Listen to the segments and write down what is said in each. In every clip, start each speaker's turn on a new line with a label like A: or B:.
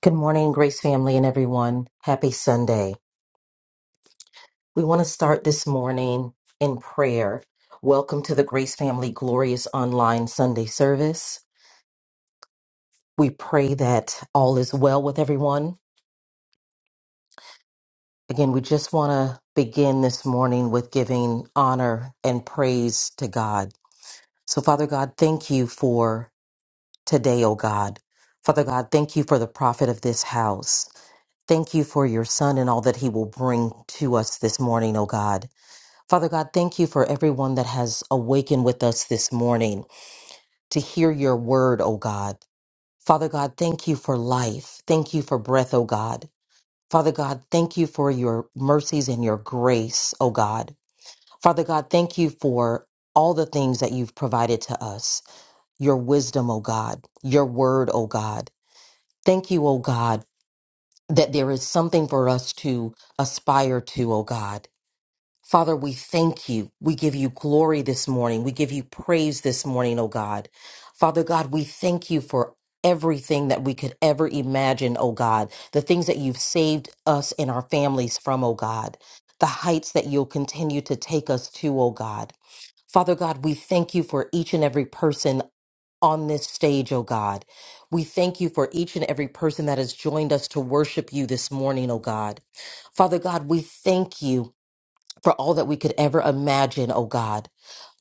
A: Good morning, Grace family and everyone. Happy Sunday. We want to start this morning in prayer. Welcome to the Grace Family Glorious Online Sunday service. We pray that all is well with everyone. Again, we just want to begin this morning with giving honor and praise to God. So, Father God, thank you for today, O God. Father God, thank you for the prophet of this house. Thank you for your son and all that he will bring to us this morning, O God. Father God, thank you for everyone that has awakened with us this morning to hear your word, O God. Father God, thank you for life. Thank you for breath, O God. Father God, thank you for your mercies and your grace, O God. Father God, thank you for all the things that you've provided to us, your wisdom, O God, your word, O God. Thank you, O God, that there is something for us to aspire to, O God. Father, we thank you. We give you glory this morning. We give you praise this morning, oh God. Father God, we thank you for everything that we could ever imagine, oh God. The things that you've saved us and our families from, oh God. The heights that you'll continue to take us to, oh God. Father God, we thank you for each and every person on this stage, oh God. We thank you for each and every person that has joined us to worship you this morning, oh God. Father God, we thank you for all that we could ever imagine, oh God.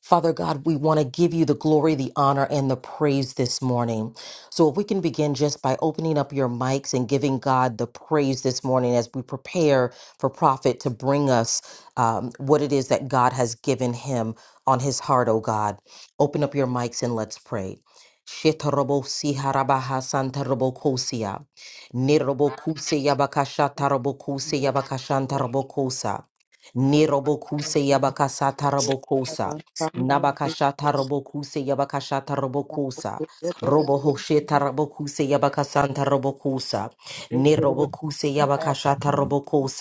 A: Father God, we want to give you the glory, the honor, and the praise this morning. So, if we can begin just by opening up your mics and giving God the praise this morning as we prepare for Prophet to bring us um, what it is that God has given him on his heart, oh God. Open up your mics and let's pray. Shetorobo siharabaha santarobo kosia. Nirobo kuse yabakasha tarobo kuse yabakashan tarobo kosa. Nirobokuse Yabakasata Robokosa. Nabakashata Robokuse Yabakashata Robokosa. Robohosheta Robokuse Yabakasanta Robokosa. Nirobokuse Yabakashata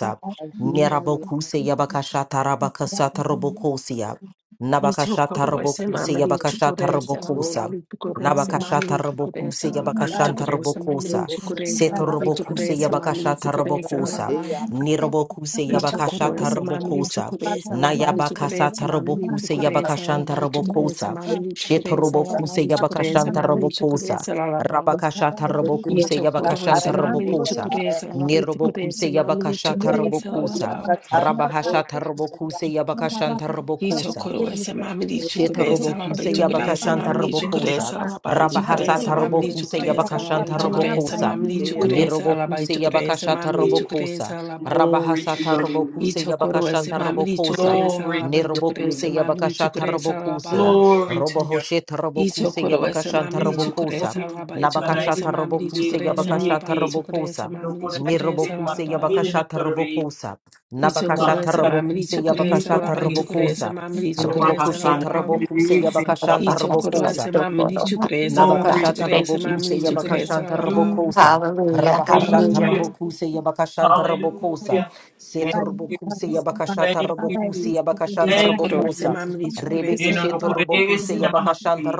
B: Thank you.
A: Nerabokuse Yabakashata Rabakasata Robokosia. Nabakashata
C: Itukore
A: Robokuse
C: semameli
A: Yabakashata
C: tukore
A: Robokosa.
C: selalabali tukore semameli
A: Nabakashata
C: tukore
A: Robokuse
C: selalabali
A: Yabakashanta
C: tukore semameli
A: Robokosa.
C: tukore
A: Seto
C: selalabali tukore
A: Robokuse
C: semameli
A: Yabakashata
C: tukore
A: Robokosa.
C: selalabali
A: Nirobokuse Yabakasha
C: Itukore semameli
A: Tarabokosa.
C: tukore selalabali tukore
A: Nayabakasa
C: semameli
A: Tarabokuse
C: tukore
A: Yabakashan
C: selalabali
A: Tarabokosa.
C: tukore semameli tukore
A: Shetarobokuse
C: selalabali tukore
A: Yabakashan
C: semameli tukore
A: Tarabokosa.
C: selalabali
A: Rabakasha Tarabokuse
C: Itukore
A: Yabakashan
B: Yan
C: semameli
A: Tarabokosa.
B: torubu
C: tukore selalabali tukore
A: Nirobokuse
C: semameli
A: Yabakasha
B: Yantaka
C: tukore
A: Tarabokosa.
B: Yantaka
C: selalabali
A: Rabahasha
B: Yapaya
A: Tarabokuse Yabakashan
B: Yamarata
C: Ito
B: Yapa
A: Tarabokosa.
C: koro ese
B: Kidnupa
C: samamili
B: Yapa
A: Sheta
C: chukure salabi
A: robokuse
B: Yushaku
C: chukure
D: Glory
B: Yapa
A: yabakashanta
C: samamili chukure
A: robokosa.
B: Yantaka
D: to
C: salabi chukure
E: Zibara
A: Rabahasata
C: samamili
B: Yakurubu
E: banda
A: robokuse
C: chukure
B: Yantaka
C: salabi
A: yabakashanta
E: zekere
C: chukure
B: Yapa
A: robokosa.
C: samamili
E: eya
C: chukure salabi
A: Nirobokuse
C: chukure
A: yabakashata
C: samamili chukure
A: robokosa.
C: salabi
A: Rabahasata
D: your name,
A: robokuse
D: Jesus.
C: ese
A: yabakashanta
C: samamili
A: robokosa.
C: chukure
D: Glory to
C: salabi
D: your
C: chukure
A: Nirobokuse
D: name.
E: kapitalization
C: samamili
A: yabakashata
C: chukure
A: robokosa.
C: salabi
D: Glory to your
A: Robohosheta robokuse
C: Yitokoro
A: yabakashanta
D: name. No,
C: samamili
D: no,
C: chukure
A: robokosa.
D: glory,
C: salabi chukure
D: Masanaiki,
A: Nabakashata
C: samamili
A: robokuse
C: chukure
A: yabakashata
C: salabi
D: Yekuneneke,
C: chukure
A: robokosa.
D: no,
C: samamili chukure
D: Kodaisi,
A: Nirobokuse
C: salabi
D: Masini, no,
A: yabakashata
D: Kodori,
A: robokosa. Nabakashata
C: Itokorese mamri
A: robokuse
D: Mahasanari,
C: tokorese
A: yabakashata
C: alaba
D: Kodmehisi,
A: robokosa.
C: itokorese mamri
D: in
C: tokorese
A: Arubokushe
D: Mahasana,
C: alaba
A: Tarabokusa
D: Rikidisi,
F: Lord,
A: Yabakashan
F: my best is on
A: Tarabokusa.
C: itokorese
F: your
C: mamri
F: Lord, my
C: tokorese alaba
D: Glory
F: God,
D: to
A: Nabakashata
D: your
F: Thank
C: itokorese
F: you,
D: name,
A: Rabokuse
C: mamri
D: Jesus.
F: Jesus.
C: tokorese
A: Yabakashanta
C: alaba
D: Hallelujah.
A: Rabokosa.
F: Hallelujah.
A: Rabahashata
F: Hallelujah.
B: Yantaka
D: Hallelujah.
A: Rabokuse Yabakashanta
B: Yapa
A: Rabokosa.
D: Hallelujah. Thank
B: by you,
D: you,
B: by
A: Seturbokuse
D: Jesus.
B: helping us,
A: Yabakashata
D: Thank
B: by
D: you,
B: thy
A: Rabokuse
B: gift
D: Jesus.
B: of your
A: Yabakashanta
B: free thy
D: Thank you,
B: wisdom,
C: itokorese
A: Rabokosa.
D: Jesus.
B: by
C: mamri
B: thy
A: Rebeke
C: tokorese
D: You
B: goodness,
D: know,
B: to the
D: the
C: alaba
B: the
D: grace
A: Sheturbokuse
D: in my
B: mission,
D: heart.
A: Yabakashanta
D: You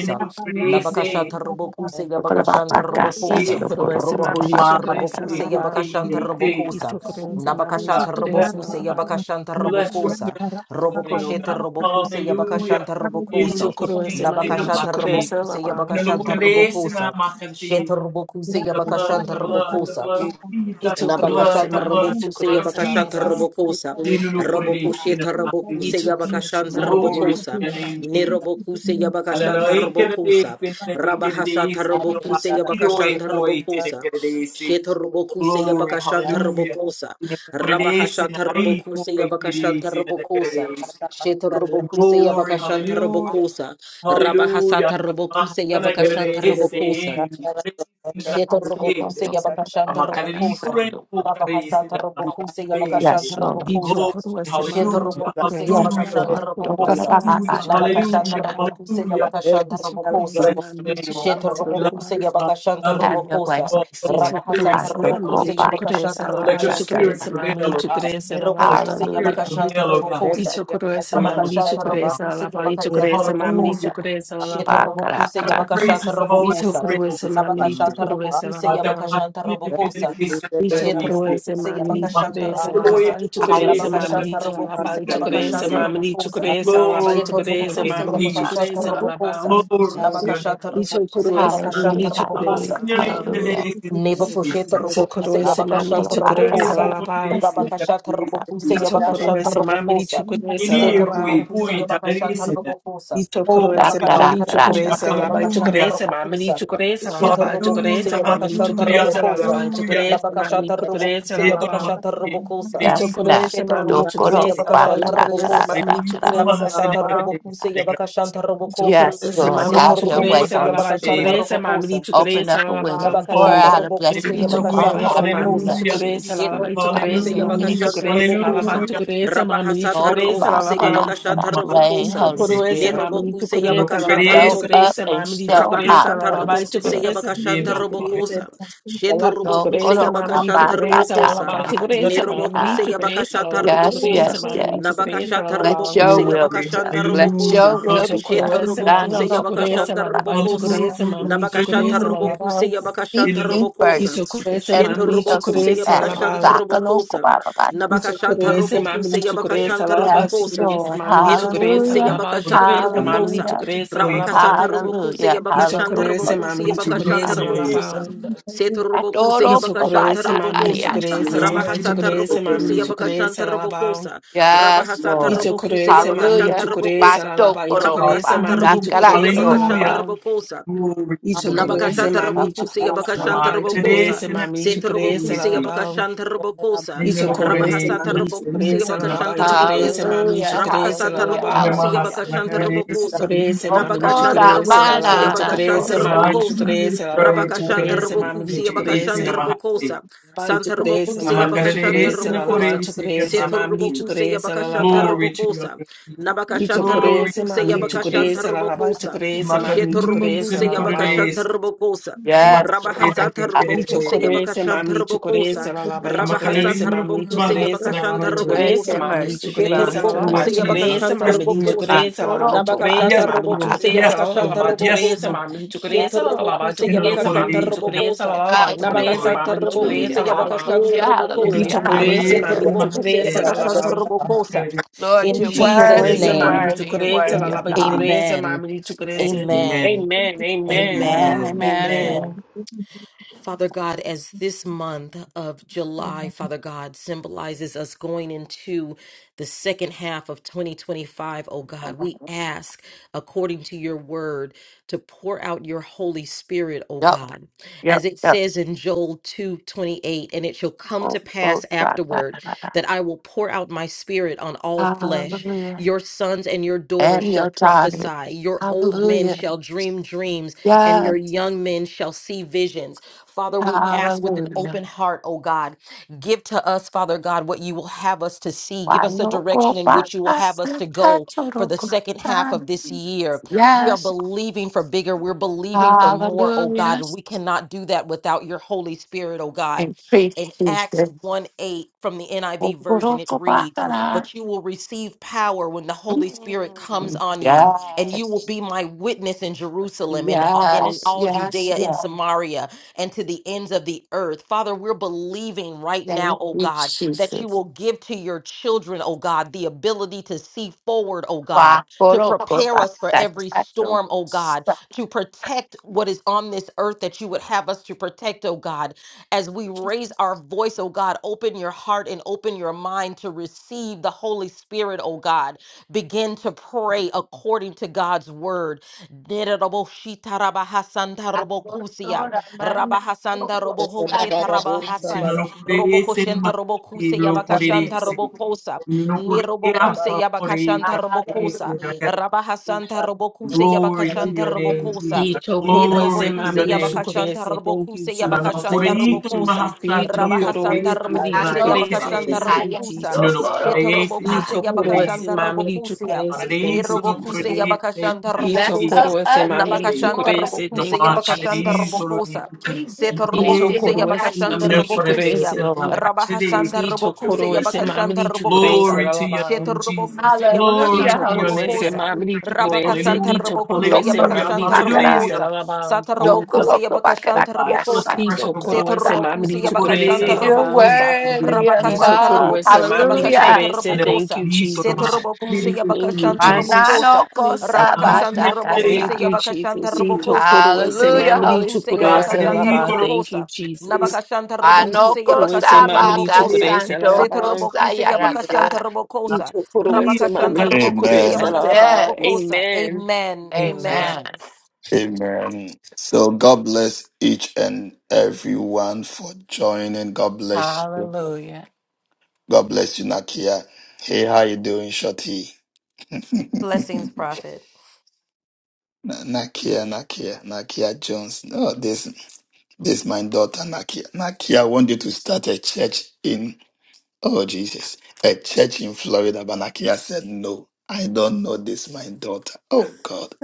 B: to
D: know,
B: have by
D: the grace
B: to
D: in
B: have
A: Nabakashata
B: by
D: my
A: Rabokuse
F: Lord,
D: heart.
F: my
B: to
A: Yabakashanta
F: God,
B: be able
F: God,
B: to
F: son,
D: Grace
A: Rabokosa.
B: send
F: Lord,
B: you
D: in
F: God, Lord,
C: itokorese
F: God, Lord, God,
C: mamri
A: Robohosheta
D: my
F: God,
D: heart.
F: God,
C: tokorese
A: Rabokuse
D: Who
C: alaba
E: work
B: to
D: can
A: Yabakashanta
B: you,
D: it
B: to
D: take?
A: Rabokosa.
C: itokorese
B: to
C: mamri
B: you,
A: Nabakashata
B: to
C: tokorese alaba itokorese mamri tokorese
B: to
A: Rabokuse
B: have you,
C: alaba
A: Yabakashanta
B: to young,
D: Bless your service
A: Rabokosa.
D: this morning, oh
A: Robokosheta
D: God.
A: Rabokuse
D: Hallelujah.
A: Yabakashanta Rabokosa.
C: itokorese
D: Inunukurisi
C: mamri
D: namasi.
A: Nabakashantarabokuse
D: Inunukurisi
A: Yabakashantarbokosa.
D: namakasi.
A: Shetarabokuse
D: The blood, the blood, the
A: Yabakashantarbokosa.
D: blood of
E: and
D: Jesus, the blood,
A: Nabakashata
D: the blood, the
A: Robokuse
D: blood
C: tokorese
D: of
A: Yabakashata
B: Yes,
C: alaba
D: Jesus.
E: Thank
A: Robokosa
B: Doctor, I'm speaking to you
D: Inunukurisi
A: Robokosheta
B: through that
D: namasi.
A: Robokuse
B: situation.
A: Yabakashanta
B: I
C: Yithokorowasemamu,
B: work
D: Glory to
B: with
A: Robokosa
B: you,
D: your name, Jesus.
B: this
A: Nirobokuse
B: situation. You
A: Yabakashanta
B: have brought up
D: Hallelujah.
A: Robokosa
B: the fact that
A: Rabahasata
B: I have
C: yithokorowasemamu,
B: been
A: Robokuse Yabakashanta
C: yithokorowasemamu,
A: Robokosa Sheta Robokuse
D: Glory, hallelujah. Glory,
A: Yabakashanta
D: hallelujah.
A: Robokosa
D: Hallelujah.
A: Rabahashata Robokuse Yabakashanta Robokosa Sheta Robokuse
D: Glory,
A: Yabakashanta
D: hallelujah,
A: Robokosa Rabahasata Robokuse Yabakashanta Robokosa Sheta
F: God, Lord, God,
A: Robokuse
F: Lord, God,
A: Yabakashanta
F: God, God, son,
A: Robokosa.
F: Lord, God,
A: Baba Hasata
F: Lord, God.
A: Robokuse Yabakashanta
F: Yes, Lord.
A: Robokosa.
C: yithokorowasemamu,
A: Sheta Robokuse
F: Yes,
C: yithokorowasemamu,
D: hallelujah.
A: Yabakashanta
F: Lord. Lord, God, Lord,
A: Robokosa.
F: God,
C: yithokorowasemamu,
F: God,
C: yithokorowasemamu,
D: Hallelujah,
F: God, God, God,
A: Nabakashata
D: hallelujah,
F: God.
C: yithokorowasemamu,
A: Robokuse
D: hallelujah.
A: Yabakashanta Robokosa.
D: Bless
C: yithokorowasemamu,
D: your name, oh God.
A: Sheta
D: We
C: yithokorowasemamu,
D: Love
A: Robokuse
D: you, Father. We
A: Yabakashanta
D: Love
F: Have
D: you.
F: your way,
A: Robokosa.
F: Holy
D: Oh,
C: yithokorowasemamu,
F: Spirit.
A: Rabahasata
F: God, Lord,
C: yithokorowasemamu, yithokorowasemamu,
F: God,
A: Robokuse
F: God, God, God,
A: Yabakashanta
F: God,
C: yithokorowasemamu,
D: let your
A: Robokosa.
F: God,
D: spirit
F: God,
D: prevail,
F: God,
D: oh
F: God.
D: God. Oh, let your spirit prevail, oh God. Let
A: Mirobokuse
D: your spirit
F: Hallelujah.
A: Yabakashanta
D: prevail, oh God.
A: Robokose.
D: Come
C: yithokorowasemamu, yithokorowasemamu,
D: on,
A: Labakashanta
D: God.
A: Robokuse
C: yithokorowasemamu,
D: Oh,
A: Yabakashanta
C: yithokorowasemamu,
A: Robokose.
D: hallelujah.
A: Sheta
F: God, God,
A: Robokuse
D: Have
F: God, God,
D: the
F: God.
A: Yabakashanta
D: praises of all
A: Robokosa.
D: Israel this morning,
A: Labakashanta
D: Lord.
A: Robokuse
D: Ah, te
C: yithokorowasemamu,
A: Yabakashanta
D: imagino que tiene
A: Robokosa.
D: que ser tan
C: Lito
A: Sheta
D: difícil.
C: crece,
A: Robokuse
E: you.
C: mamli
B: young
D: Mas
B: to
C: tu
B: you,
A: Yabakashanta
B: are the
C: crece,
D: tú
B: young
D: lo es
A: Robokosa.
C: alabaito
D: por el
C: crece,
D: ese
F: Hallelujah.
D: de tan
A: Labakashanta
C: mamlito,
B: of
A: Robokuse
B: the
D: difícil,
B: youth,
C: alabaito
D: tan
B: the
C: crece,
A: Yabakashanta
B: youth, the
C: mamlito
B: youth,
A: Robokosa.
C: crece,
B: the
C: alabaito
A: Sheta
D: Glory to your
C: crece,
B: youth,
D: name,
A: Robokuse
B: the youth.
C: mamlito
D: Jesus.
A: Yabakashanta
C: crece,
B: I the
C: alabao.
A: Robokosa.
B: thing, I
D: Glory to
B: did
D: your
A: Labakashanta
D: name.
C: Lito
A: Robokuse
B: this
C: crece,
B: with you,
A: Yabakashanta
F: Hallelujah,
C: mamlito
B: and I
D: Ama
C: crece,
F: hallelujah,
A: Robokosa.
B: did
D: sinyonu
C: alabao.
B: you, and did this you, and did
F: hallelujah.
B: this
D: iktidirlerisin.
B: with you. praise, I did the
A: Nebokosheta
B: thing,
C: Lito
A: Robokuse
C: crece,
B: and I did
A: Yabakashanta
C: mamlito
B: this with you,
C: crece,
D: Yeni
A: Robokosa.
B: and
C: alabao.
B: then
D: popülerisin.
A: Rabakashata Robokuse
C: Lito
A: Yabakashanta
C: crece,
A: Robokosa.
C: mamlito
B: I
C: crece,
B: got you,
A: Seta
B: and
D: Yeni
B: I worship
C: alabao.
D: kuy
B: you, and I
A: Robokuse
D: puy
B: got
A: Yabakashata
D: tanerisin.
A: Robokosa.
C: Ito
D: Oh,
C: corese, mamma
A: Nabakashata
C: dice
D: hallelujah,
C: corese,
A: Robokuse
C: la baice
A: Yabakashanta
D: hallelujah,
C: corese, mamma
A: Robokosa.
C: dice corese, la
A: Sheta
C: baice
A: Robokuse
C: corese,
D: hallelujah,
C: mamma dice
A: Yabakashanta
D: hallelujah,
C: corese, la
A: Robokosa.
C: baice
D: hallelujah.
C: corese, mamma
A: Nabakashata
C: dice corese,
A: Robokuse
C: la
D: Yeto no más
C: baice
A: Yabakashata
D: de
A: Robokosa.
C: Dicho
F: Yes,
D: Cristo no
C: corese,
A: Sheta
F: Master.
C: mamma dice
A: Robokuse
C: corese, la
A: Yabakashata
C: baice corese,
A: Robokosa.
C: mamma dice
D: Cristo no
C: corese,
D: más
C: la
D: de
A: Nabakashata
C: baice
A: Robokuse
D: Cristo.
A: Yabakashanta
C: Dicho
A: Robokosa.
F: Yes,
C: corese,
D: Mi
F: Lord.
C: mamma
A: Seta
F: Have
C: dice
F: your
D: hermano,
F: way,
C: corese,
A: Robokuse
C: la
F: Holy
C: baice
A: Yabakashanta
D: es
F: Spirit.
C: corese, mamma
A: Robokosa.
C: dice
F: Open up a window, pour
A: Nabakashata
D: Lord.
F: out a
A: Robokuse
F: blessing that we
D: Hallelujah,
F: won't
A: Yabakashata
C: Itokorese
F: have room
C: mamili
A: Robokosa.
F: left
D: hallelujah.
F: to
C: chukorese lalaba
A: Sheko
F: receive.
A: Robokuse
C: itokorese mamili
F: Hallelujah.
D: Hallelujah,
A: Yabakashanta
C: chukorese lalaba
A: Robokosa.
B: you, and I
D: hallelujah,
B: got
C: itokorese mamili
A: Rabahasata
D: no
C: chukorese
A: Robokuse
C: lalaba
D: purese no
A: Yabakashata
D: más
F: Rain,
A: Robokosa.
F: Holy
D: purese
C: itokorese
F: Spirit.
C: mamili
A: Nerobokuse
D: no
C: chukorese
A: Yabakashata
C: lalaba
B: you.
F: Show
D: purese
F: up
A: Robokosa.
C: itokorese
F: and
C: mamili
D: no
F: show
B: Thank
C: chukorese
D: purese
F: out,
A: Rabahasata
F: Holy
C: lalaba
A: Robokuse
F: Spirit.
C: itokorese
A: Yabakashanta
C: mamili
D: no place
C: chukorese
A: Robokosa. Sheto
C: lalaba
F: So
A: Robokuse
C: itokorese
F: koro
C: mamili
A: Yabakashanta
F: papa
C: chukorese
D: in
F: kata
A: Robokosa.
C: lalaba
F: kara kara
C: itokorese
D: my
C: mamili
A: Nerobokuse
F: kara.
C: chukorese
A: Yabakashata
C: lalaba
D: place.
F: Yes,
C: itokorese
A: Robokosa.
F: yes,
C: mamili
F: yes.
C: chukorese
A: Nabakashata
F: Let
C: lalaba
F: your
A: Robokuse
F: will be
D: glory
F: done.
A: Yabakashanta
F: Let
D: hallelujah
F: your
A: Robokosa.
F: will be
A: Sheto
F: done.
C: Ichokoroese
D: hallelujah
F: Ah,
A: Robokuse
F: No,
C: mamili
F: no, koro
C: chokorese
A: Yabakashanta
C: la
F: pa.
C: laba
A: Robokosa.
C: ichokorese
D: hallelujah
C: mamili chokorese la
D: hallelujah
C: laba
A: Nabakashantarobokuse
F: Seek
D: in
F: ye
A: Yabakashantarobokosa.
F: first, and
C: ichokorese
F: everything
C: mamili
F: else will
A: Shetorobokuse
F: be
C: chokorese la
F: added.
C: laba
F: Taka no ko
A: Yabakashantarobokosa.
F: ba ba
C: ichokoroese mamili
A: Nabakashantarobokuse
C: chokorese la laba
F: Yes,
A: Yabakashantarobokosa.
C: chokorese
F: Lord.
C: mamili chokorese la
A: Nirobokuse
F: Hallelujah.
C: laba ichokorese mamili
A: Yabakashantarobokosa.
F: Hallelujah.
C: chokorese la laba
A: Rabakasatarobokuse
F: Hallelujah.
C: ichokoroese
A: Yabakashantarobokuse
C: mamili chokorese
F: Hallelujah.
C: la laba
A: Yabakashantarobokosa. Setorobokuse
F: Adoro Baba
C: ichokoroese mamili
A: Yabakashantarobokosa.
C: chokorese
F: Bata.
C: la laba
D: the
C: ichokorese
A: Rabahasatarobokuse
C: mamili chokorese la
A: Yabakashantarobokosa.
F: Yes,
D: no
C: laba
F: Lord.
A: Rabahasatarobokuse
C: ichokoroese mamili
F: Hallelujah.
C: chokorese
A: Yabakashantarobokosa.
C: la laba ichokorese
F: Batokorokoba,
A: Rabakasanta
C: mamili
D: Hallelujah.
A: Rabokuse
C: chokorese la
A: Yabakashanta
D: Hallelujah.
F: daskarakorokoba.
C: laba
A: Robokosa.
D: Glory
C: Y
D: to the Lord
C: chocorese,
D: Jesus.
A: Nabakashata
C: mami,
A: Robokusi
C: chocorese, la
A: Yabakashanta
C: lava, y
A: Robokosa,
C: chocorese,
D: Namakarese na
C: mami, chocorese, la
A: Setrobokusi
D: karese.
C: lava.
A: Yabakashanta Robokosa,
C: Y
D: Nina no
C: chocorese,
D: korese
A: Rabahasata
D: na
C: mami,
A: Robokusi
D: karese.
C: chocorese, la lava,
A: Yabakashanta
C: y
D: Namakarese.
C: chocorese,
A: Robokosa,
C: mami,
F: Hallelujah,
C: chocorese, la
A: Rabakasata
F: hallelujah,
C: lava.
A: Robokusi
F: hallelujah.
D: Namahasa na
A: Yabakashanta
C: Y
D: Namaste.
A: Robokosa,
C: chocorese, mami,
D: Namaste.
A: Nabakashanta
C: chocorese, la
A: Robokusi
C: lava, y
A: Yabakashanta
C: chocorese, mami,
D: Namaste.
F: Okoramananakosta.
A: Robokosa,
C: chocorese, la lava, y
A: Rabakashanta
C: chocorese, mami,
A: Robokusi Yabakashanta
C: chocorese.
A: Robokosa,
C: Lava, y
A: Santa
C: chocorese,
A: Robokusi
C: mami,
A: Yabakashanta
C: chocorese, la lava,
A: Robokosa,
C: chocorese, mami,
D: Namaste.
A: Setrobokusi
C: chocorese, la
A: Yabakashanta
C: lava.
D: Glory to your
A: Robokosa,
D: name, Jesus.
C: Y
A: Nabakashanta
D: Glory
C: chocorese,
D: to
A: Robokusi
D: your
C: mami,
D: name, Jesus.
A: Yabakashanta
C: chocorese, la lava, y
A: Robokosa,
C: chocorese, mami,
D: Namakarese
C: chocorese,
A: Shetorobokuse
C: la
A: Yabaka
C: lava.
D: na
A: Shantarbokosa,
D: Namaste.
F: Yes, Lord.
A: Rabahasa Tarbokuse Yabaka
C: Lichokores, mam lichokores,
A: Shantarbokosa,
C: la la ba
D: I'm a
A: Rabahasa
C: lichokores,
D: kadadi,
C: mam
A: Tarbokuse
C: lichokores,
A: Yabaka
D: Durabahasana
C: la la ba
D: kadadi.
F: grace
C: lichokores,
A: Shantarbokosa,
F: and
C: mam
F: mercy
C: lichokores,
F: belongs
D: Yes,
C: la
F: to
C: la ba
D: Lord
A: Shetorbokuse
F: us,
A: Yabaka
D: Jesus.
C: lichokores,
F: Jesus.
C: mam
D: Yes, Lord
A: Shantarbokosa,
D: Jesus.
C: lichokores, la la ba
A: Nabaka
F: Batorokoba,
C: lichokores,
D: Yes,
C: mam
D: Lord.
A: Shatarbokuse
C: lichokores,
F: daskarakara.
D: Yes,
A: Yabaka
C: la la
D: Lord. Yes,
A: Shantarbokosa,
D: Lord.
C: ba
A: Shetorbokuse
D: You know, no
A: Yabaka
C: lichokores, mam
D: korede, it's in the
C: lichokores, la
A: Shantarbokosa,
C: la ba
B: you.
F: Yes,
D: Mahasi,
A: Nabaka
F: Lord.
C: lichokores,
D: Toroe,
C: mam lichokores,
A: Shantarbokusa
D: Kukurane,
F: Hallelujah,
C: la la
D: Yesu.
A: Yabaka
C: ba
F: hallelujah,
D: You know,
A: Shantarbokosa,
D: no
F: hallelujah,
D: korede,
C: lichokores,
D: it's
C: mam
F: hallelujah.
D: in the
A: Shetorbokuse
C: lichokores,
D: Mahasi.
A: Yabaka
C: la la ba
D: I'm a
A: Shantarbokosa.
D: kadadi,
F: Lord,
A: In
F: you're
D: I'm a
A: Jesus'
D: kadadi.
F: worthy,
C: lichokores,
F: you're
C: mam
D: You
A: name,
F: worthy, you're
C: lichokores,
D: know,
C: la
F: worthy
D: no
C: la
F: of
C: ba
F: God.
D: korede,
C: lichokores, mam lichokores, la la ba lichokores,
A: amen.
C: mam lichokores.
D: Amen.
A: Amen.
C: Amen, amen,
F: Amen,
A: Amen.
D: Amen.
F: amen,
C: amen.
F: amen.
A: Amen. Father God, as this month of July, Father God, symbolizes us going into the second half of 2025, oh God, we ask, according to your word, to pour out your Holy Spirit, oh
F: Yep,
A: God.
F: yep,
A: As it
F: yep.
A: says in Joel 2:28, and it shall come to
F: Oh, oh,
A: pass
F: da, da,
A: afterward
F: da, da, da.
A: that I will pour out my spirit on all flesh.
F: Hallelujah.
A: Your sons and your daughters
F: And
A: shall
F: your daughter.
A: prophesy, your old men
F: Hallelujah.
A: shall dream dreams, and
F: Yeah,
A: your young men shall see visions. Father, we ask with an
F: hallelujah.
A: open heart, oh God, give to us, Father God, what you will have us to see. Give
F: Why
A: us a
F: no
A: direction
F: go
A: in
F: by
A: which you will
F: us
A: have us
F: and
A: to go
F: touch a
A: for
F: little
A: the
F: good
A: second half of
F: time?
A: this year. We are
F: Yes,
A: believing for bigger. We're believing for more, oh God.
F: hallelujah.
A: And we cannot do that without your Holy Spirit, oh God.
F: Increase
A: In Acts
F: Jesus.
A: 1 8 from the
F: Oh,
A: NIV
F: good,
A: version,
F: oh,
A: it
F: good, blah,
A: reads,
F: blah, blah.
A: But you will receive power when the Holy Spirit comes
F: Mm,
A: on you, and you will
F: Yes,
A: be my witness in Jerusalem and, all- and in
F: yes,
A: all
F: yes,
A: Judea and
F: yes.
A: Samaria and to the ends of the earth. Father, we're believing right now,
F: Thank
A: oh
F: you,
A: God, that you
F: Jesus.
A: will give to your children, oh God, the ability to see forward, oh God,
F: Wow, good,
A: to
F: oh, good,
A: prepare
F: blah,
A: us for every
F: blah,
A: storm, oh God,
F: blah.
A: to protect what is on this earth that you would have us to protect, oh God. As we raise our voice, oh God, open your heart and open your mind to receive the Holy Spirit, oh God. Begin to pray according to God's word.
F: Agosto Ramana
A: Rabahasanda
F: Loco
A: roboho sheta
F: Sacha
D: Se
A: rabahasa.
D: non lo correrese ne
A: Robokoshenta
D: masti
A: robokuse
D: lo
A: yabakashanta
D: correrese.
A: robokosa.
D: Non lo
A: Ni
D: correrà
A: robokuse yabakashanta
D: favorita
A: robokosa.
F: Hallelujah.
A: Rabahasanta robokuse
D: Glory to
A: yabakashanta
D: your name,
A: robokosa.
D: Jesus.
A: Ni
C: Itokoroese
D: Glory to
A: robokuse
D: your
C: mamadi
D: name,
A: yabakashanta
D: Jesus.
C: chukorese. Thank you,
A: robokuse
E: Amen.
C: Jesus.
A: yabakashanta
C: Thank you,
D: Ananakorito no
A: robokosa.
C: Jesus.
D: mahastalerio koreo
A: Rabahasanta
C: Itokoroese mamadi
A: robokuse
D: kusanai
C: chukorese.
F: Aloko
A: yabakashanta
D: kerese.
C: Thank you,
F: Saya
A: robokosa.
C: Jesus.
D: Ino no
A: Sheta
F: Dokoroko
D: korese na
F: Sa.
A: robokuse
B: Amen.
C: Itokoroese
A: yabakashanta
D: makarese.
C: mamadi
A: robokusia.
C: chukorese.
A: Ni
C: Thank
D: Amakarese
C: you,
D: no
A: robokuse
C: Jesus.
D: korese
A: yabakashanta
D: na
F: Less
A: robokosa.
F: of
C: Itokoroese
F: us and
C: mamadi
D: kerese.
A: Nabakashanta
F: more of
C: chukorese.
D: No
F: you,
A: robokuse
C: Thank you,
F: Father God.
A: yabakashanta
C: Jesus.
D: makarito no
A: robokosa.
F: We
A: Seto
F: decrease
C: Ito
F: and
A: robokuse
D: ikukansineke.
F: we
C: koro ese
F: ask you
A: yabakashanda
F: to
D: Ino
C: mamili chukuro
F: increase,
A: robokusia.
D: korese na
C: Thank
F: Lord.
C: you, Jesus.
A: Rabahasanda
D: makarese no
C: Ito
A: robokuse
C: koro ese
D: korese.
A: yabakashanda
C: mamili chukuro
A: robokosa.
C: ese
D: Glory to your
A: Sheto
C: lalabao.
D: name, Jesus.
A: robokuse
D: Glory
F: Hallelujah,
A: yabakashanda
C: Ito
D: to
F: Holy
D: your
C: koro
D: name.
C: ese
F: Spirit.
A: robokosa.
C: mamili
D: Oh,
C: chukuro ese.
A: Rabakashanta
C: Ito
D: hallelujah,
C: koro
A: robokuse
C: ese
D: hallelujah,
F: Dokoroko
C: mamili
A: yabakashanta
C: chukuro
F: bakara,
C: ese
D: hallelujah.
A: robokosa.
C: lalabao.
A: Sata
D: Oh.
A: robokuse
F: Dokoroko
D: Oh
F: bakara
A: yabakashanta
D: God, fill us
F: Yasa
A: robokosa.
D: fresh,
C: Ito
D: oh
F: Doko
C: koro
D: God.
A: Seto
C: ese
F: Sa.
A: robokuse
C: mamili
D: No
C: chukuro
D: core de
C: ese
A: yabakashanta
D: se,
F: You're
C: lalabao.
A: robokosa.
D: makana de
F: worthy
D: ito
F: of
D: no
F: it
C: Ito
A: Rabakasanta
D: mahasi.
C: koro
F: all.
C: ese
A: robokuse
C: mamili chukuro
A: yabakashanta
F: Hallelujah.
C: ese.
D: Ane
C: Thank
D: makana
A: robokosa.
C: you,
D: de ito no
A: Seto
C: Jesus.
D: mahasi. De de
A: robokuse
D: de de
C: Thank you,
A: yabakashanta
D: de de.
C: Jesus.
F: Manano
A: robokosa.
D: No
F: cosa
D: mahasi
A: Rabakashanta
D: ne de de
A: robokuse
C: Thank
D: ito
F: batakasa.
C: you,
A: yabakashanta
C: Jesus. He took
A: robokosa.
C: Koro ese
D: mahasi.
F: Hallelujah,
C: mamri
F: Holy
A: Nirobokuse
C: chukuru ese
F: Spirit.
D: Makana de
A: Yabakashanta
D: ito
C: lalaba.
D: no
C: Thank you,
A: Robokosa.
D: mahasi.
C: Jesus.
A: Nabakashanta
C: He took
A: Robokuse
F: Anoko
C: Koro ese
A: Yabakashanta
C: mamri
F: sabaka
D: De
A: Robokosa.
C: chukuru ese
D: se
F: santo
A: Sete
C: lalaba.
F: kosa
A: Robokuse
E: I
A: Yabakashanta
F: yaraka.
C: He
A: Robokosa.
C: took Koro ese
A: Rabakashanta
C: mamri
D: mahasi.
C: chukuru
A: Robokushi
C: ese
F: That's
G: Amen.
A: Yabakasanta
F: it.
C: lalaba.
A: Robokosa.
C: Amen.
A: Amen.
D: Amen.
A: Amen.
F: Amen.
G: Amen. So God bless each and everyone for joining. God bless you.
F: Hallelujah.
G: God bless you, Nakia. Hey, how you doing, Shorty? Na-
A: Blessings, prophet.
G: Nakia, Nakia, Nakia Jones. Oh, this this my daughter, Nakia. Nakia, I want you to start a church in oh Jesus. A church in Florida. But Nakia said no. I don't know this my daughter. Oh God.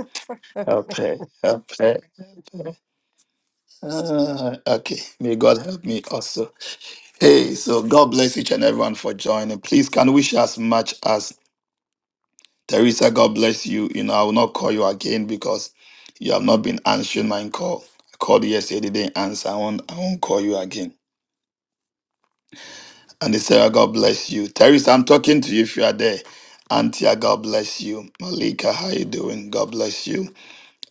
G: Help her. Help her. Uh, okay, may God help me also. Hey, so God bless each and everyone for joining. Please can wish as much as Teresa. God bless you. You know, I will not call you again because you have not been answering my call. I called you yesterday, they didn't answer. I won't, I won't call you again. And they say, God bless you. Teresa, I'm talking to you if you are there. Antia, God bless you. Malika, how you doing? God bless you.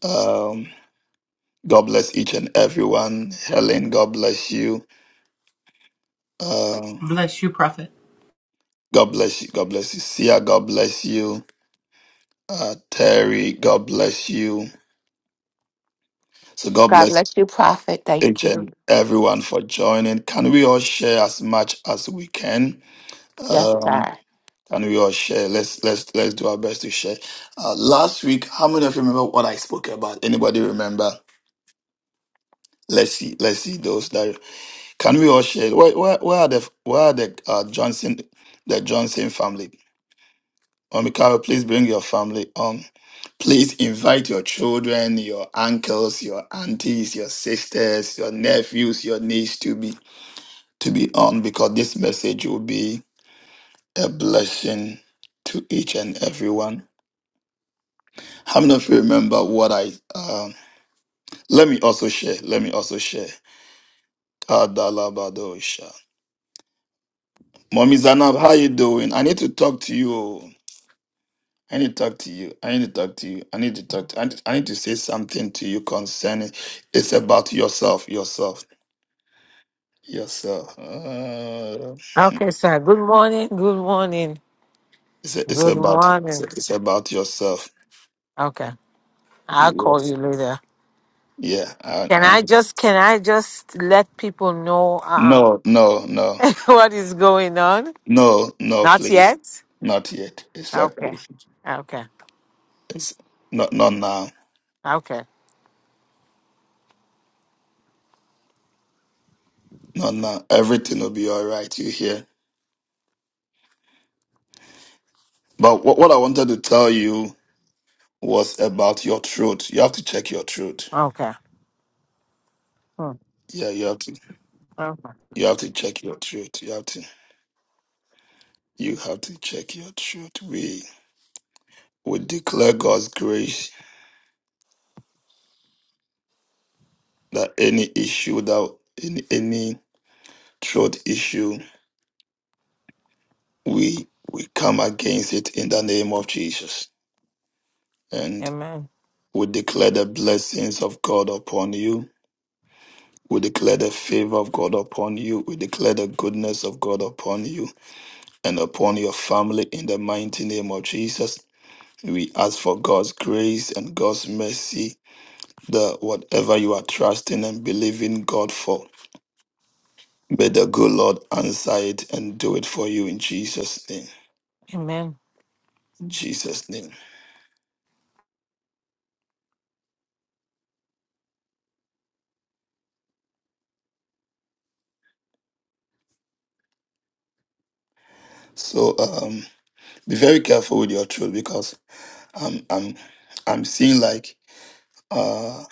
G: Um, God bless each and everyone. Helen, God bless you. Um,
D: Bless you, prophet.
G: God bless you. God bless you. Sia, God bless you. Uh, Terry, God bless you. So God
F: God
G: bless
F: bless you, prophet. Thank
G: each
F: you.
G: and everyone for joining. Can we all share as much as we can?
F: Yes,
G: Um,
F: sir.
G: can we all share? Let's let's let's do our best to share. Uh, last week, how many of you remember what I spoke about? Anybody remember? Let's see. Let's see those that can we all share. Where where, where are the where are the uh, Johnson the Johnson family? Omikawa, please bring your family on. Please invite your children, your uncles, your aunties, your sisters, your nephews, your niece to be to be on because this message will be a blessing to each and everyone. How many of you remember what I? Um, let me also share. Let me also share. Kadalabadosha. Mommy Zanab, how you doing? I need to talk to you. I need to talk to you. I need to talk to you. I need to talk. To, I, need, I need to say something to you concerning. It's about yourself. Yourself. yourself. Uh,
H: Okay, sir. Good morning. Good morning.
G: it's, it's
H: Good
G: about it's,
H: morning.
G: it's about yourself.
H: Okay. I'll call
G: Yes.
H: you later.
G: Yeah. And,
H: Can I
G: and
H: just can I just let people know um
G: no, no, no,
H: what is going on?
G: no, no,
H: Not
G: please,
H: yet?
G: not yet. Exactly.
H: Okay.
G: not.
H: Okay.
G: It's not not now.
H: Okay.
G: Not now. Everything will be all right. You hear? But what what I wanted to tell you was about your truth. You have to check your truth.
H: Okay. Hmm.
G: Yeah, you have to.
H: Okay.
G: You have to check your truth. You have to. You have to check your truth. We we declare God's grace that any issue that any any throat issue we we come against it in the name of jesus and
H: Amen.
G: we declare the blessings of god upon you we declare the favor of god upon you we declare the goodness of god upon you and upon your family in the mighty name of jesus we ask for god's grace and god's mercy that whatever you are trusting and believing god for May the good Lord answer it and do it for you in Jesus' name.
H: Amen.
G: Jesus' name. So um, be very careful with your truth because I'm I'm I'm seeing like uh,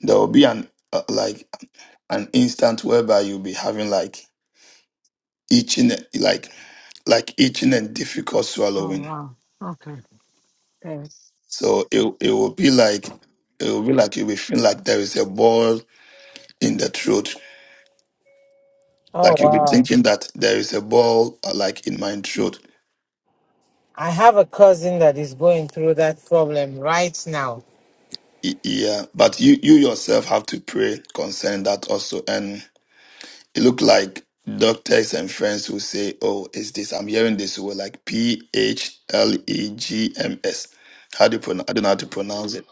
G: there will be an uh, like an instant whereby you'll be having like itching like like itching and difficult
H: Oh
G: swallowing.
H: wow. Okay. Thanks.
G: So it it will be like it will be like you'll be feeling like there is a ball in the throat.
H: Oh
G: Like you'll be
H: wow.
G: thinking that there is a ball uh, like in my throat.
H: I have a cousin that is going through that problem right now.
G: Y- Yeah, but you you yourself have to pray concerning that also, and It looked like doctors and friends who say, "Oh, is this?" I'm hearing this word like P H L E G M S. How do you pronounce? I don't know how to pronounce it.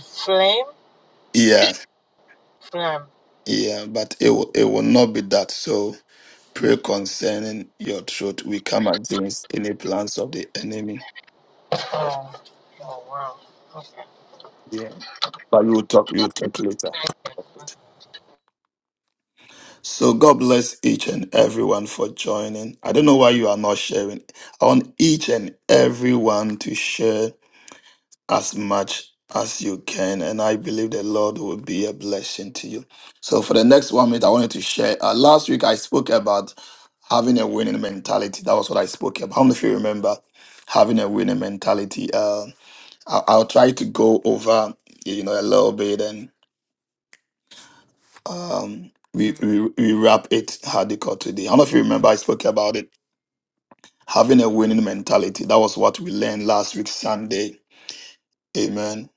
H: Flame?
G: Yeah,
H: Flame.
G: yeah, but it will, it will not be that. So pray concerning your throat. We come against any plans of the enemy.
H: Oh, oh wow.
G: Yeah, but we will talk. We will talk later. So God bless each and everyone for joining. I don't know why you are not sharing. I want each and everyone to share as much as you can. And I believe the Lord will be a blessing to you. So, for the next one minute, I wanted to share. Uh, last week, I spoke about having a winning mentality. That was what I spoke about. How many of you remember having a winning mentality? Uh, I- I'll try to go over, you know, a little bit and um, we, we, we wrap it how they call today. How many of you remember I spoke about it? Having a winning mentality. That was what we learned last week, Sunday. Amen.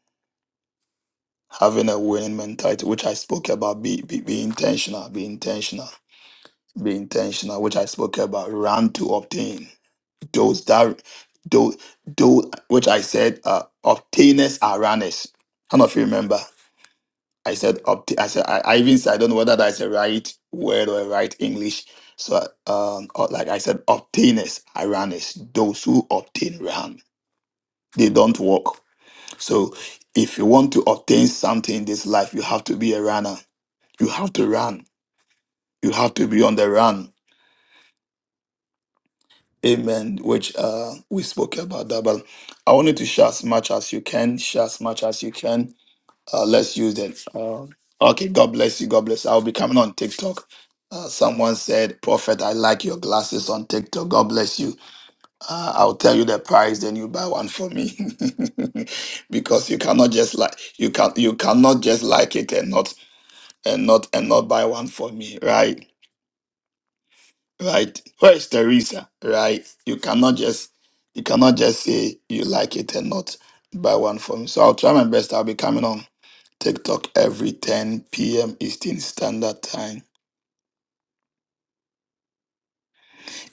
G: having a winning mentality, which I spoke about. Be, be be intentional. Be intentional. Be intentional, which I spoke about. Run to obtain those that those those which I said uh, obtainers are runners. I don't know if you remember. I said obtain. I said I, I even said I don't know whether that's a right word or a right English. So um, or like I said, obtainers are runners. Those who obtain run. They don't walk. So if you want to obtain something in this life, you have to be a runner you have to run. You have to be on the run. Amen. Which uh, we spoke about that, but I wanted to share as much as you can. Share as much as you can. Uh, let's use that. Uh, okay. God bless you. God bless. I'll be coming on TikTok. Uh, someone said, "Prophet, I like your glasses on TikTok. God bless you. Uh, I'll tell you the price, then you buy one for me, because you cannot just like you can you cannot just like it and not and not and not buy one for me, right? right? Where is Teresa, right? You cannot just you cannot just say you like it and not buy one for me. So I'll try my best. I'll be coming on TikTok every 10 p.m. Eastern Standard Time.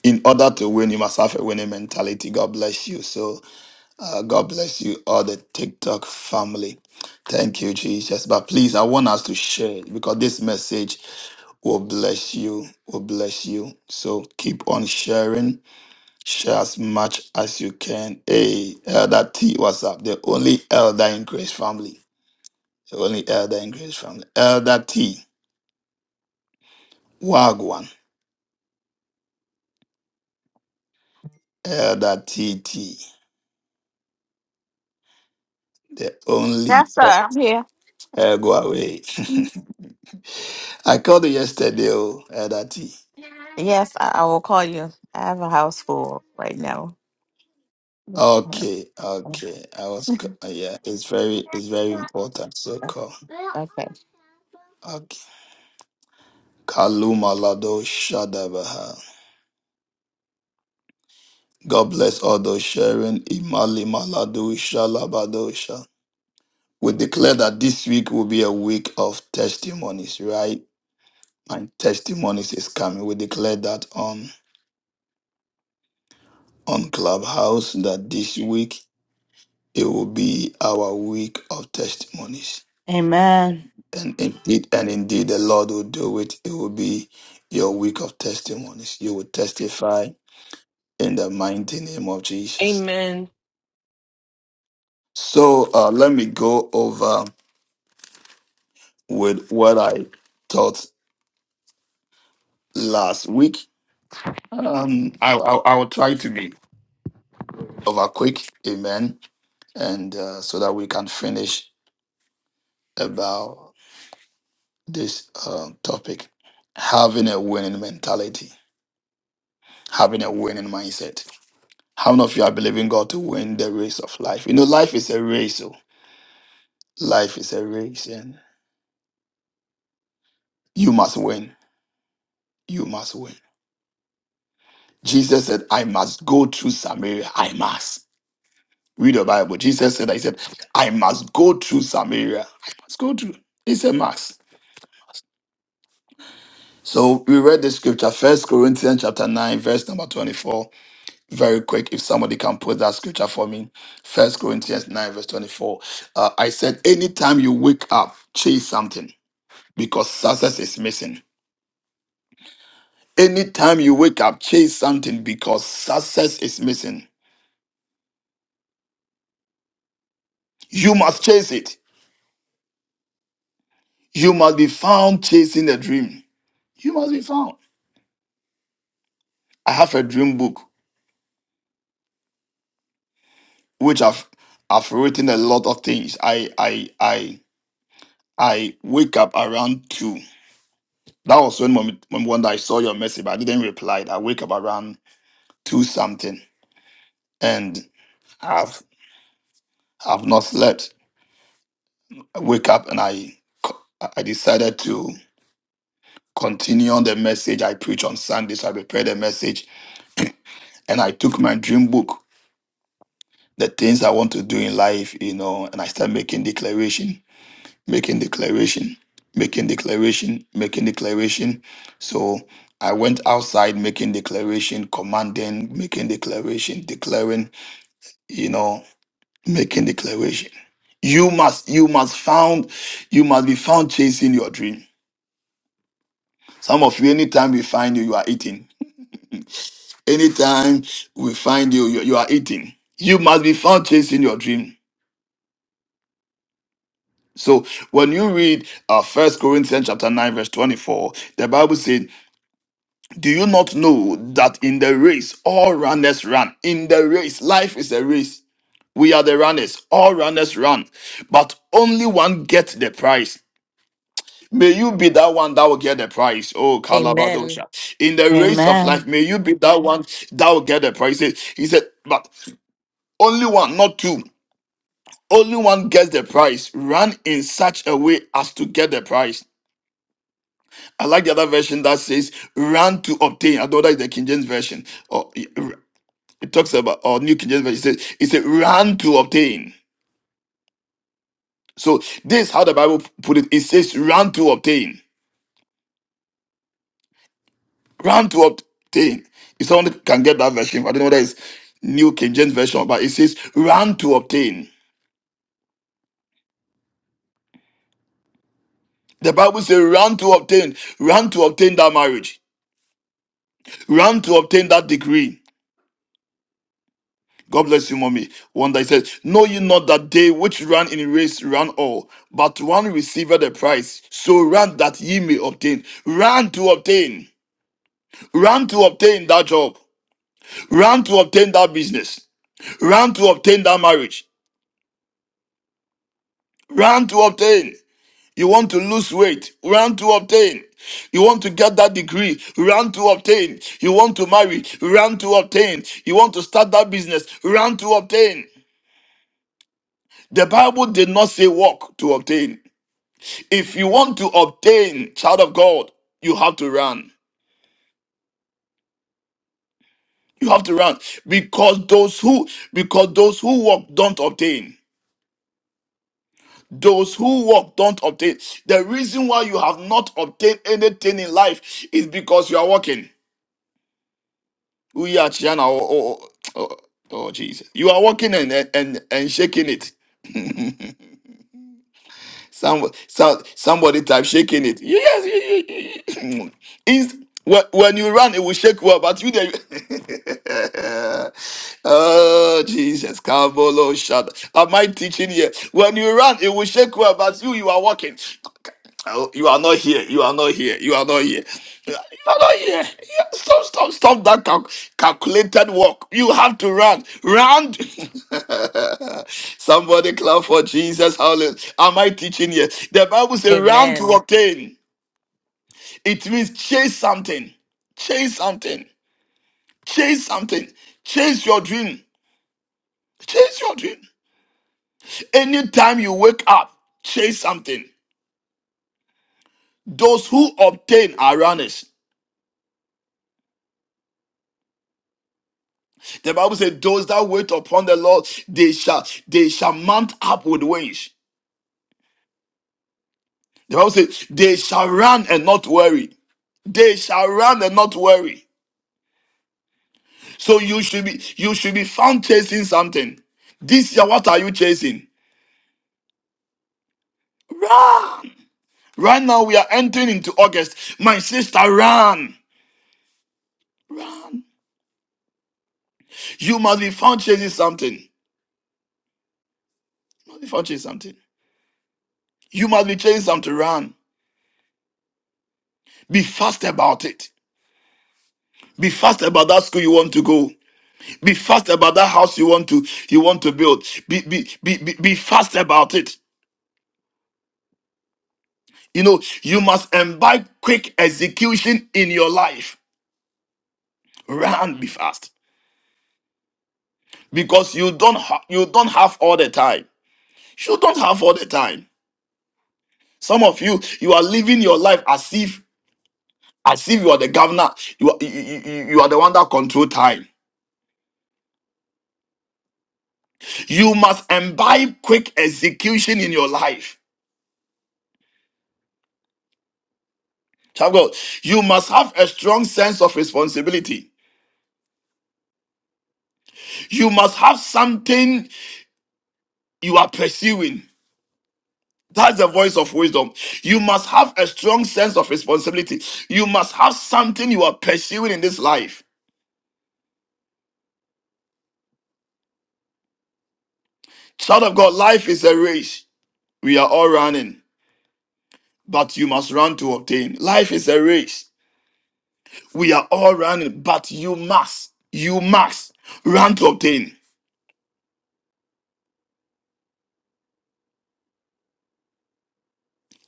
G: In order to win, you must have a winning mentality. God bless you. So uh, God bless you, all the TikTok family. Thank you, Jesus. But please, I want us to share it because this message will bless you. Will bless you. So keep on sharing Share as much as you can. Hey, Elder T, what's up? The only elder in Grace family. The only elder in Grace family. Elder T, Wagwan. Elder T, T. The
I: Yes,
G: only.
I: sir. I'm here.
G: Uh, go away. I called you yesterday, oh, Elder T.
I: Yes, I, I will call you. I have a house full right now.
G: Okay, okay. I was, c- uh, yeah, it's very, it's very important. So call.
I: Okay.
G: Okay. Kaluma Lado Shadabaha. God bless all those sharing. Imali Maladosha Labadosha. We declare that this week will be a week of testimonies, right? And testimonies is coming. We declare that on on Clubhouse that this week it will be our week of testimonies.
J: Amen.
G: And indeed, and indeed the Lord will do it. It will be your week of testimonies. You will testify in the mighty name of Jesus.
C: Amen.
G: So uh, let me go over. with what I taught last week. Um, I, I, I will try to be over quick, amen, and uh, so that we can finish about this uh, topic having a winning mentality, having a winning mindset. How many of you are believing God to win the race of life? You know, life is a race, so life is a race, and you must win. You must win. Jesus said, I must go through Samaria. I must. Read the Bible. Jesus said, I said, I must go through Samaria. I must go through. It's a must. So we read the scripture, First Corinthians chapter 9, verse number 24. Very quick, if somebody can put that scripture for me. First Corinthians 9, verse 24. Uh, I said, anytime you wake up, chase something because success is missing. Anytime you wake up, chase something because success is missing. You must chase it. You must be found chasing a dream. You must be found. I have a dream book which I've I've written a lot of things. I I I I wake up around two. That was when moment when one I saw your message, but I didn't reply. I wake up around two something, and I've I've not slept. I wake up and I co- I decided to continue on the message I preach on Sunday. So I prepared a message, and I took my dream book, the things I want to do in life, you know, and I started making declaration making declaration, making declaration, making declaration. So I went outside making declaration, commanding, making declaration, declaring, you know, making declaration. You must, you must found, you must be found chasing your dream. Some of you, anytime we find you, you are eating. Anytime we find you, you, you are eating. You must be found chasing your dream. So when you read uh, 1 Corinthians chapter 9, verse 24, the Bible says. Do you not know that in the race, all runners run? In the race, life is a race. We are the runners. All runners run. But only one gets the prize. May you be that one that will get the prize. Oh,
A: Amen.
G: Kalabadosha. In the race of
J: Amen.
G: life, may you be that one that will get the prize. He he said, but only one, not two. Only one gets the prize. Run in such a way as to get the prize. I like the other version that says run to obtain. I know that is the King James version. Oh, It talks about, or New King James Version, it says, it says, run to obtain. So this is how the Bible put it. It says, run to obtain. Run to obtain. If someone can get that version, I don't know whether it's New King James Version, but it says, run to obtain. The Bible says, run to obtain. Run to obtain that marriage. Run to obtain that degree. God bless you, mommy. One that says, Know you not that they which run in race run all, but one receiveth the prize. So run that ye may obtain. Run to obtain. Run to obtain that job. Run to obtain that business. Run to obtain that marriage. Run to obtain. You want to lose weight. Run to obtain. You want to get that degree. Run to obtain. You want to marry. Run to obtain. You want to start that business. Run to obtain. The Bible did not say walk to obtain. If you want to obtain, child of God, you have to run. You have to run because those who because those who walk don't obtain. those who walk don't obtain. The reason why you have not obtained anything in life is because you are walking. We are Chiana. Oh, oh, oh, oh, Jesus. You are walking and, and, and and shaking it. Some, some, somebody type shaking it. Yes. you- you- you- Is- when, when you run, it will shake well, but you there. you- oh, Jesus. Kabolo, shut Am I teaching here? When you run, it will shake well, but you, you are walking. Oh, you are not here. You are not here. You are not here. You are you are not here. Yeah, Stop, stop, stop that cal- calculated walk. You have to run. Run. Somebody clap for Jesus. Hallelujah. Am I teaching here? The Bible says, run to
A: Amen.
G: obtain. It means chase something. Chase something. Chase something. Chase your dream. Chase your dream. Anytime you wake up, chase something. Those who obtain are runners. The Bible said, "Those that wait upon the Lord, they shall they shall mount up with wings." The Bible said, "They shall run and not worry. They shall run and not worry." So you should be you should be found chasing something. This year, what are you chasing? Run! Right now, we are entering into August. My sister, run, run! You must be found chasing something. You must be found chasing something. You must be chasing something. Run. Be fast about it. Be fast about that school you want to go. Be fast about that house you want to you want to build. Be be be be, be fast about it. You know, you must imbibe quick execution in your life. Run, be fast because you don't ha- you don't have all the time. You don't have all the time. Some of you you are living your life as if as if you are the governor. You are, you, you you- are the one that control time. You must imbibe quick execution in your life. Child of God, you must have a strong sense of responsibility. You must have something you are pursuing. That's the voice of wisdom. You must have a strong sense of responsibility. You must have something you are pursuing in this life. Child of God, life is a race. We are all running, but you must run to obtain. Life is a race. We are all running, but you must, you must run to obtain.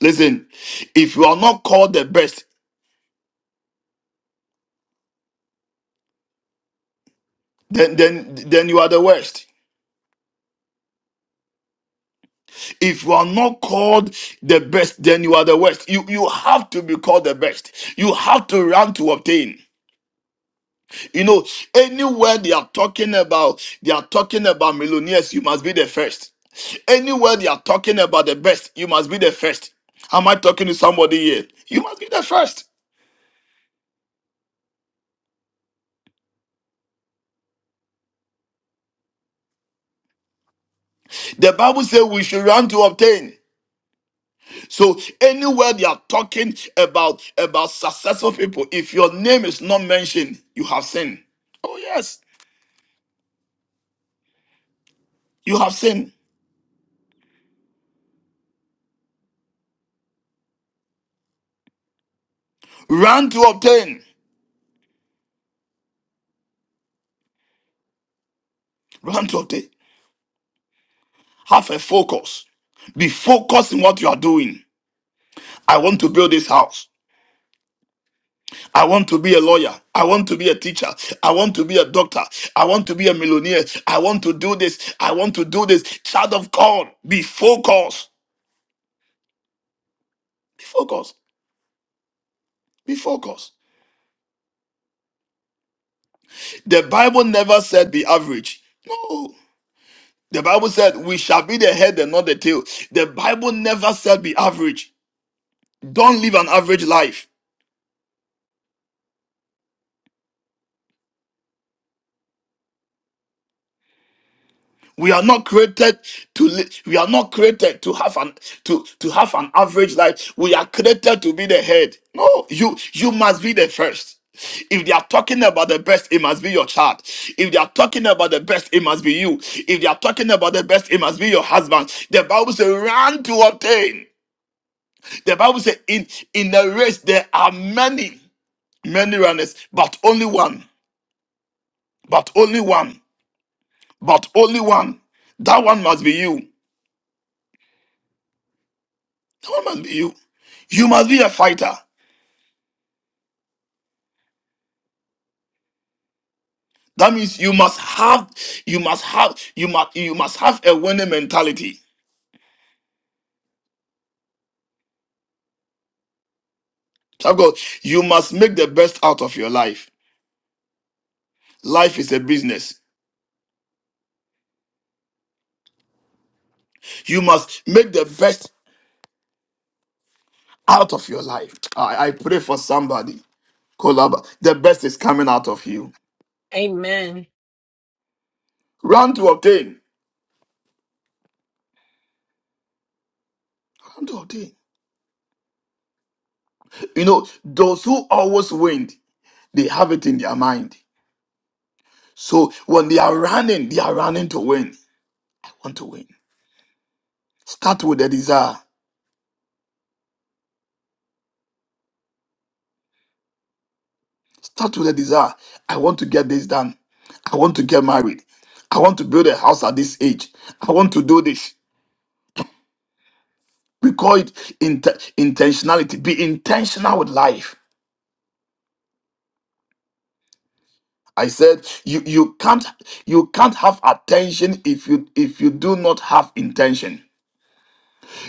G: Listen, if you are not called the best, then then then you are the worst. If you are not called the best, then you are the worst. You you have to be called the best. You have to run to obtain. You know, anywhere they are talking about, they are talking about millionaires, you must be the first. Anywhere they are talking about the best, you must be the first. Am I talking to somebody here? You must be the first. The Bible says we should run to obtain. So anywhere they are talking about about successful people, if your name is not mentioned, you have sinned. Oh yes, you have sinned. Run to obtain. Run to obtain. Have a focus. Be focused in what you are doing. I want to build this house. I want to be a lawyer. I want to be a teacher. I want to be a doctor. I want to be a millionaire. I want to do this. I want to do this. Child of God, be focused. Be focused. Be focused. The Bible never said be average. No. The Bible said we shall be the head and not the tail. The Bible never said be average. Don't live an average life. We are not created to li- we are not created to have an to to have an average life. We are created to be the head. No, you you must be the first. If they are talking about the best, it must be your child. If they are talking about the best, it must be you. If they are talking about the best, it must be your husband. The Bible says, run to obtain. The Bible says, in in the race there are many, many runners, but only one, but only one, but only one. That one must be you. That one must be you. You must be a fighter. That means you must have, you must have, you must, you must have a winning mentality. Child of God, you must make the best out of your life. Life is a business. You must make the best out of your life. I, I pray for somebody. Kolaba. The best is coming out of you.
C: Amen.
G: Run to obtain. Run to obtain. You know, those who always win, they have it in their mind. So when they are running, they are running to win. I want to win. Start with a desire. Start with a desire. I want to get this done. I want to get married. I want to build a house at this age. I want to do this. We call it int- intentionality. Be intentional with life. I said you you can't you can't have attention if you if you do not have intention.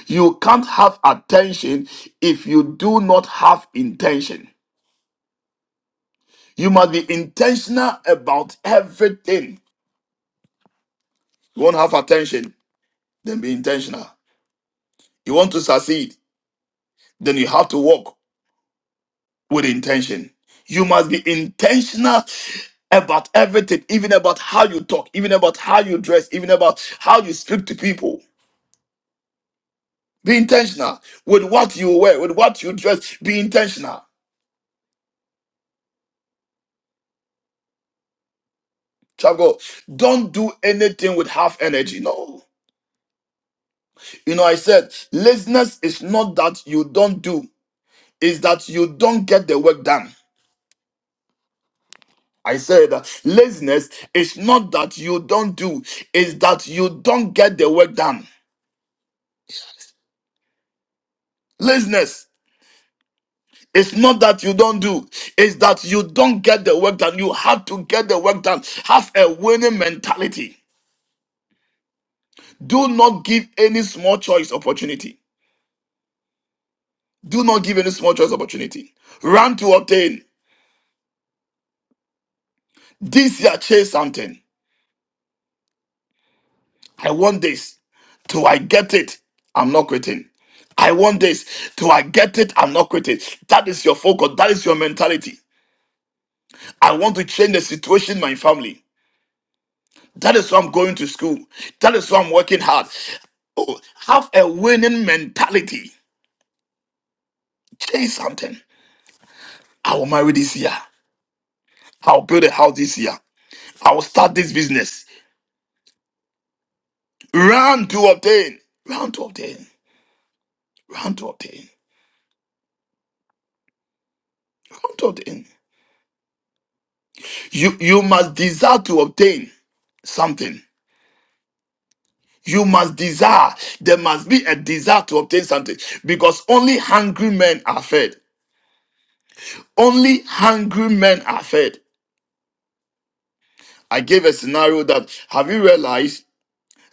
G: You can't have attention if you do not have intention. You must be intentional about everything. You want to have attention, then be intentional. You want to succeed, then you have to walk with intention. You must be intentional about everything, even about how you talk, even about how you dress, even about how you speak to people. Be intentional with what you wear, with what you dress. Be intentional. Child of God, don't do anything with half energy. No. You know, I said laziness is not that you don't do, it's that you don't get the work done. I said uh, laziness is not that you don't do, it's that you don't get the work done. Laziness. is not that you don't do, it's that you don't get the work done. You have to get the work done. Have a winning mentality. Do not give any small choice opportunity. Do not give any small choice opportunity. Run to obtain. This year, chase something. I want this. Till I get it, I'm not quitting. I want this. Till I get it, I'm not quitting. That is your focus. That is your mentality. I want to change the situation in my family. That is why I'm going to school. That is why I'm working hard. Oh, have a winning mentality. Change something. I will marry this year. I'll build a house this year. I will start this business. Run to obtain. Run to obtain. Run to obtain. Run to obtain. You you must desire to obtain something. You must desire. There must be a desire to obtain something because only hungry men are fed. Only hungry men are fed. I gave a scenario that have you realized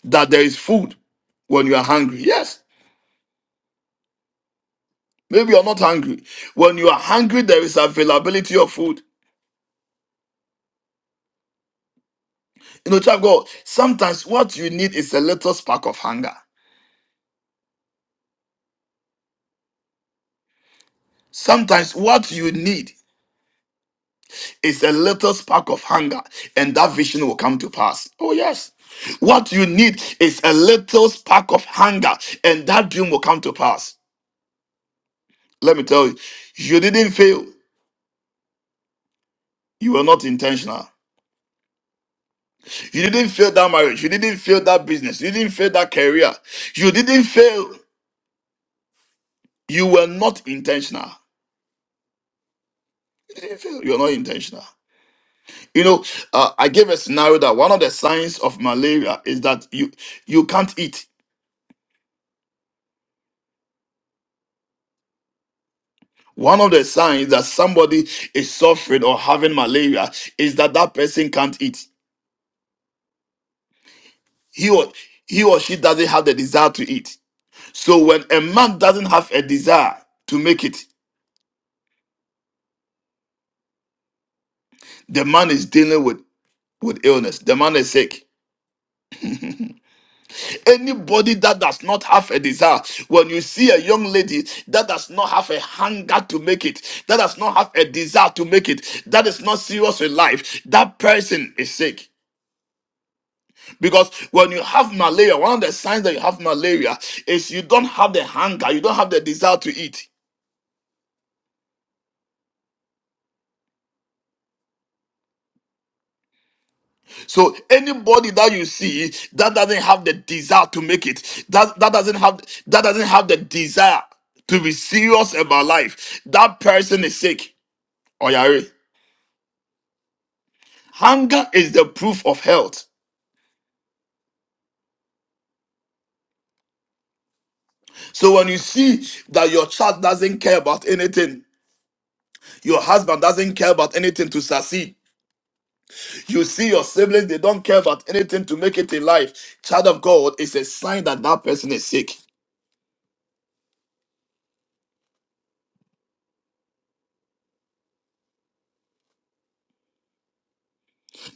G: that there is food when you are hungry? Yes. Maybe you're not hungry. When you are hungry, there is availability of food. You know, child of God, sometimes what you need is a little spark of hunger. Sometimes what you need It's a little spark of hunger, and that vision will come to pass. Oh, yes. What you need is a little spark of hunger, and that dream will come to pass. Let me tell you, you didn't fail. You were not intentional. You didn't fail that marriage. You didn't fail that business. You didn't fail that career. You didn't fail. You were not intentional. You didn't fail. You're not intentional. You know, uh, I gave a scenario that one of the signs of malaria is that you you can't eat. One of the signs that somebody is suffering or having malaria is that that person can't eat. He or, he or she doesn't have the desire to eat. So when a man doesn't have a desire to make it, the man is dealing with, with illness. The man is sick. Anybody that does not have a desire, when you see a young lady that does not have a hunger to make it, that does not have a desire to make it, that is not serious with life, that person is sick. Because when you have malaria, one of the signs that you have malaria is you don't have the hunger, you don't have the desire to eat. So anybody that you see that doesn't have the desire to make it, that, that doesn't have that doesn't have the desire to be serious about life, that person is sick. Oyare. Hunger is the proof of health. So when you see that your child doesn't care about anything, your husband doesn't care about anything to succeed, You see your siblings, they don't care about anything to make it in life. Child of God is a sign that that person is sick.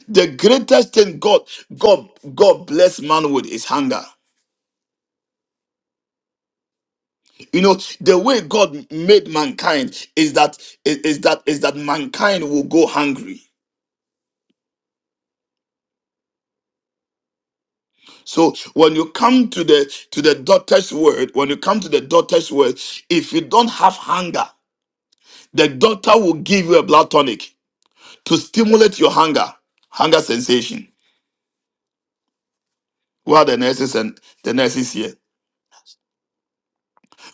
G: The greatest thing God, God, God bless man with is hunger. You know, the way God made mankind is that is, is that is that mankind will go hungry. So when you come to the to the doctor's word, when you come to the doctor's word, if you don't have hunger, the doctor will give you a blood tonic to stimulate your hunger, hunger sensation. who are the nurses and the nurses here.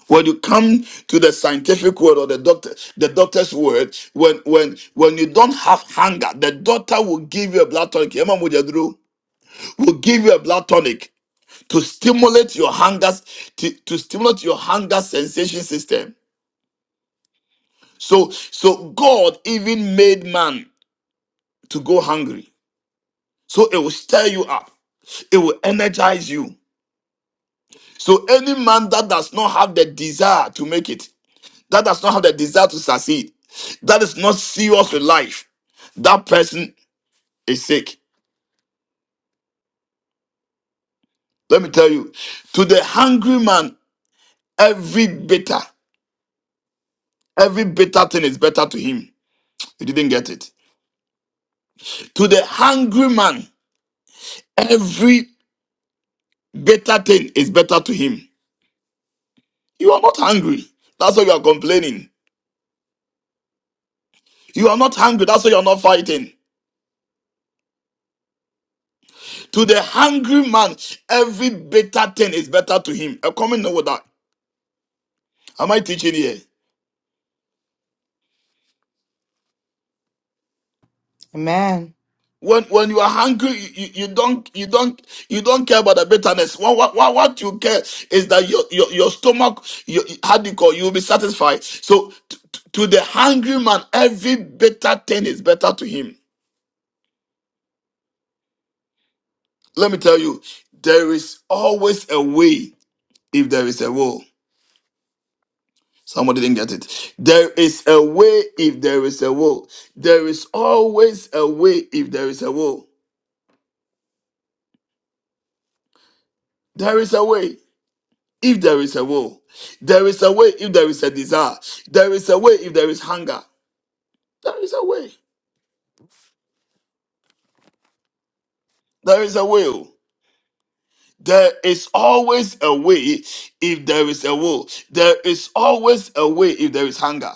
G: When you come to the scientific world or the doctor, the doctor's word, when when when you don't have hunger, the doctor will give you a blood tonic. Emma Mujadru Will give you a blood tonic to stimulate your hunger, to, to stimulate your hunger sensation system. So so God even made man to go hungry. So it will stir you up. It will energize you. So any man that does not have the desire to make it, that does not have the desire to succeed, that is not serious with life, that person is sick. Let me tell you, to the hungry man, every bitter, every bitter thing is better to him. You didn't get it. To the hungry man, every bitter thing is better to him. You are not hungry. That's why you are complaining. You are not hungry. That's why you are not fighting. To the hungry man, every bitter thing is better to him. A comment over that. Am I teaching here?
J: Amen.
G: when when you are hungry you, you you don't you don't you don't care about the bitterness what what, what what you care is that your your, your stomach your, how do you call you will be satisfied so t- t- to the hungry man every bitter thing is better to him let me tell you there is always a way if there is a will somebody didn't get it there is a way if there is a will there is always a way if there is a will there is a way if there is a will. There is a way if there is a desire. There is a way if there is hunger. There is a way. There is a will. There is always a way if there is a will. There is always a way if there is hunger.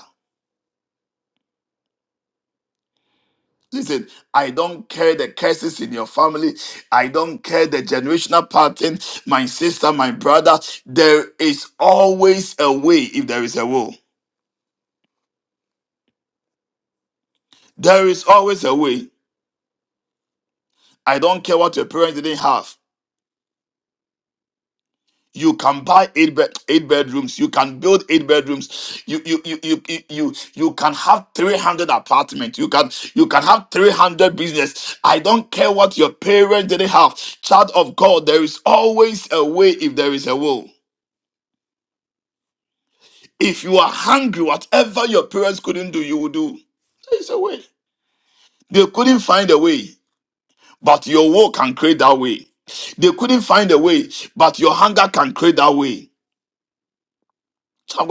G: Listen, I don't care the curses in your family. I don't care the generational pattern, my sister, my brother. There is always a way if there is a will. There is always a way. I don't care what your parents didn't have. You can buy eight bed, eight bedrooms. You can build eight bedrooms. You you you you you you, you can have three hundred apartments. You can you can have three hundred business. I don't care what your parents didn't have. Child of God, there is always a way if there is a will. If you are hungry, whatever your parents couldn't do, you will do. There is a way. They couldn't find a way, but your will can create that way. They couldn't find a way, but your hunger can create that way. Child of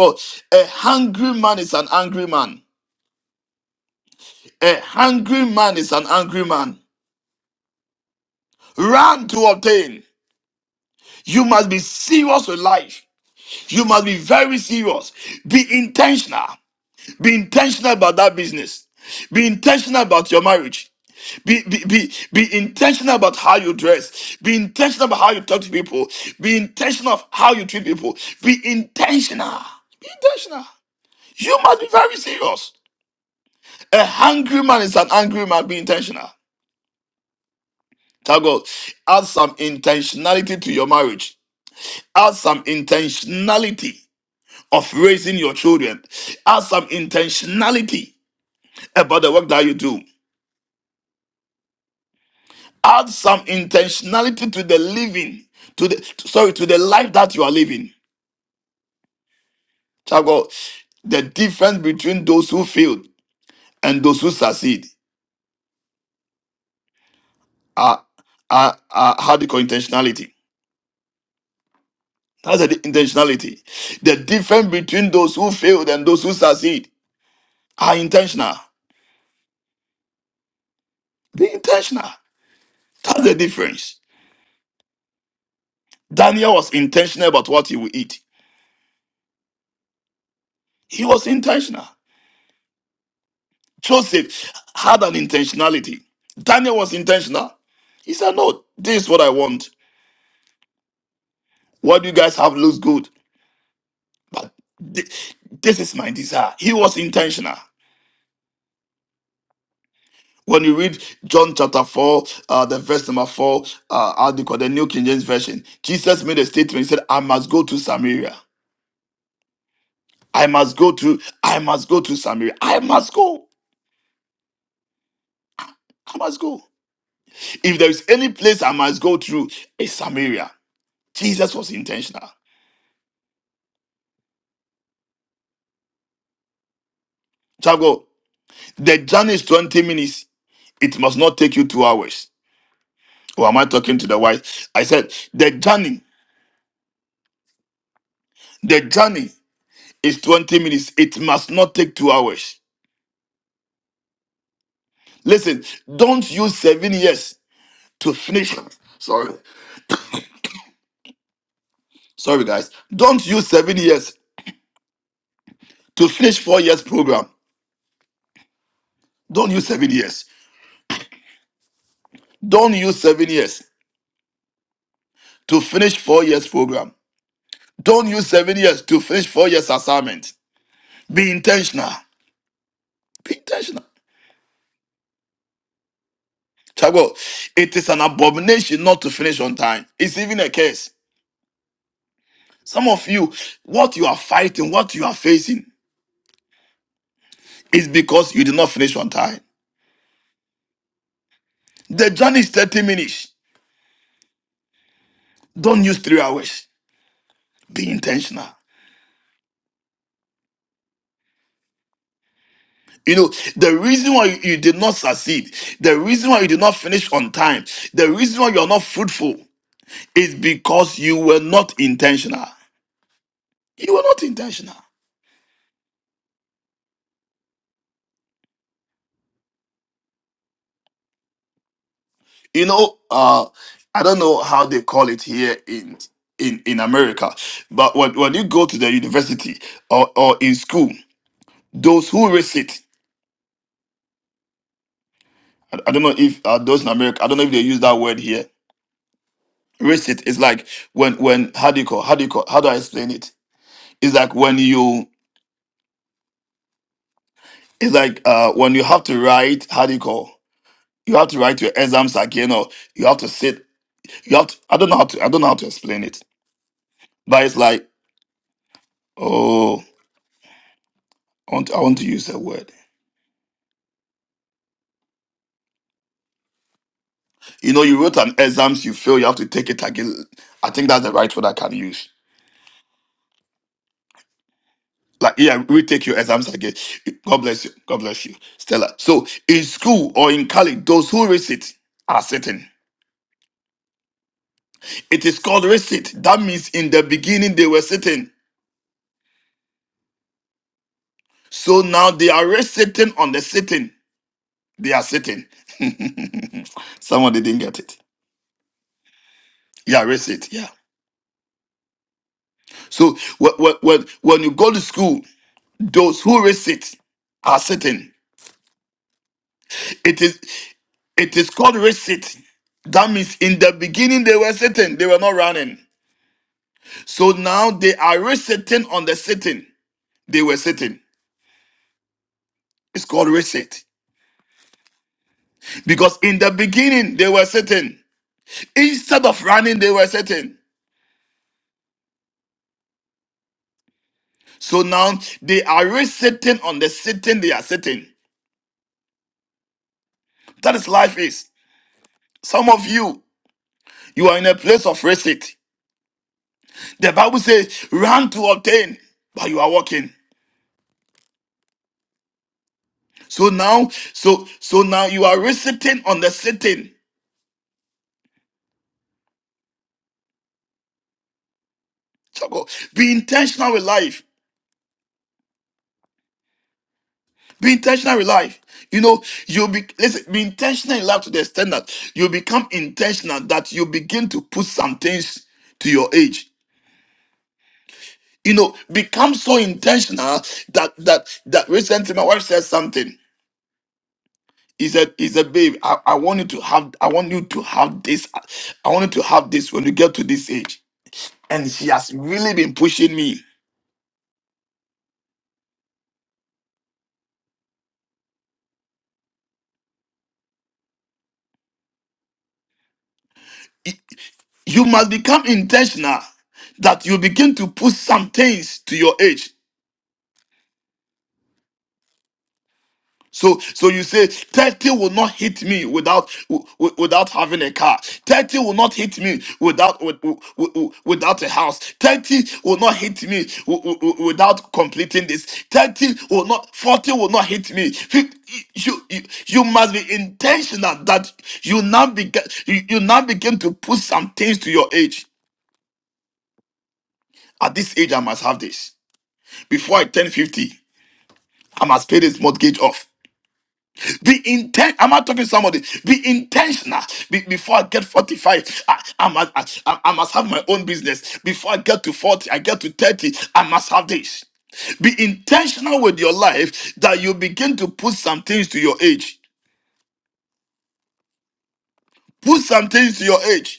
G: God, a hungry man is an angry man. A hungry man is an angry man. Run to obtain. You must be serious with life. You must be very serious. Be intentional. Be intentional about that business. Be intentional about your marriage. Be, be, be, be intentional about how you dress. Be intentional about how you talk to people. Be intentional of how you treat people. Be intentional. Be intentional. You must be very serious. A hungry man is an angry man. Be intentional. Tell God, add some intentionality to your marriage. Add some intentionality of raising your children. Add some intentionality about the work that you do. Add some intentionality to the living, to the sorry, to the life that you are living. Tell God, the difference between those who fail and those who succeed are are, are hardcore intentionality. That's the intentionality. The difference between those who failed and those who succeed are intentional. Be intentional. That's the difference. Daniel was intentional about what he would eat. He was intentional. Joseph had an intentionality. Daniel was intentional. He said, No, this is what I want. What you guys have looks good, but thi- this is my desire. He was intentional. When you read John chapter 4, uh, the verse number 4, uh, how do you call the New King James Version? Jesus made a statement. He said, I must go to Samaria. I must go to, I must go to Samaria. I must go. I must go. If there is any place I must go through, it's Samaria. Jesus was intentional. Chago, the journey is 20 minutes. It must not take you two hours. Or am I talking to the wife? I said, the journey, the journey is 20 minutes. It must not take two hours. Listen, don't use seven years to finish. Sorry, sorry guys. Don't use seven years to finish four years program. Don't use seven years. Don't use seven years to finish four years program. Don't use seven years to finish four years assignment. Be intentional. Be intentional. Chago, it is an abomination not to finish on time. It's even a curse. Some of you, what you are fighting, what you are facing, is because you did not finish on time. The journey is 30 minutes. Don't use three hours. Be intentional. You know, the reason why you you did not succeed, the reason why you did not finish on time, the reason why you're not fruitful is because you were not intentional. You were not intentional. You know, uh, I don't know how they call it here in in, in America, but when, when you go to the university or, or in school, those who risk it, I, I don't know if uh, those in America, I don't know if they use that word here, risk it. It's like when when how do you call how do you call how do I explain it? It's like when you it's like uh when you have to write how do you call you have to write your exams again or you have to sit you have to, I don't know how to I don't know how to explain it. But it's like oh I want to, I want to use a word. You know you wrote an exams you fail you have to take it again. I think that's the right word I can use. Like yeah, retake your exams again. God bless you. God bless you, Stella. So in school or in college, those who risk it are sitting. It is called resit. That means in the beginning they were sitting. So now they are resitting on the sitting. They are sitting. Someone didn't get it. Yeah, resit. Yeah. So when, when, when you go to school, those who resit are sitting. It is it is called resit. That means in the beginning they were sitting, they were not running. So now they are resitting on the sitting. They were sitting. It's called resit. Because in the beginning they were sitting. Instead of running, they were sitting. So now they are re-sitting on the sitting they are sitting. That is life is. Some of you, you are in a place of receipt. The Bible says, run to obtain, but you are walking. So now, so so now you are re-sitting on the sitting. Chako, Be intentional with life. Be intentional with life. You know, you'll be listen, be intentional in life to the extent that you become intentional that you begin to put some things to your age. you know, become so intentional that that that recently my wife said something. He said, he said, babe, I, I want you to have I want you to have this. I want you to have this when you get to this age. And she has really been pushing me. You must become intentional that you begin to push some things to your age. So, so you say 30 will not hit me without w- w- without having a car. 30 will not hit me without w- w- w- without a house. 30 will not hit me w- w- w- without completing this. 30 will not 40 will not hit me. Fif- You, you, you must be intentional that you now begin you, you now begin to put some things to your age. At this age, I must have this. Before I turn 50, I must pay this mortgage off. Be intent. Am I talking to somebody? Be intentional. Be- before I get 45, I, I, must, I, I I must have my own business. Before I get to 40, I get to 30, I must have this. Be intentional with your life that you begin to put some things to your age. Put some things to your age.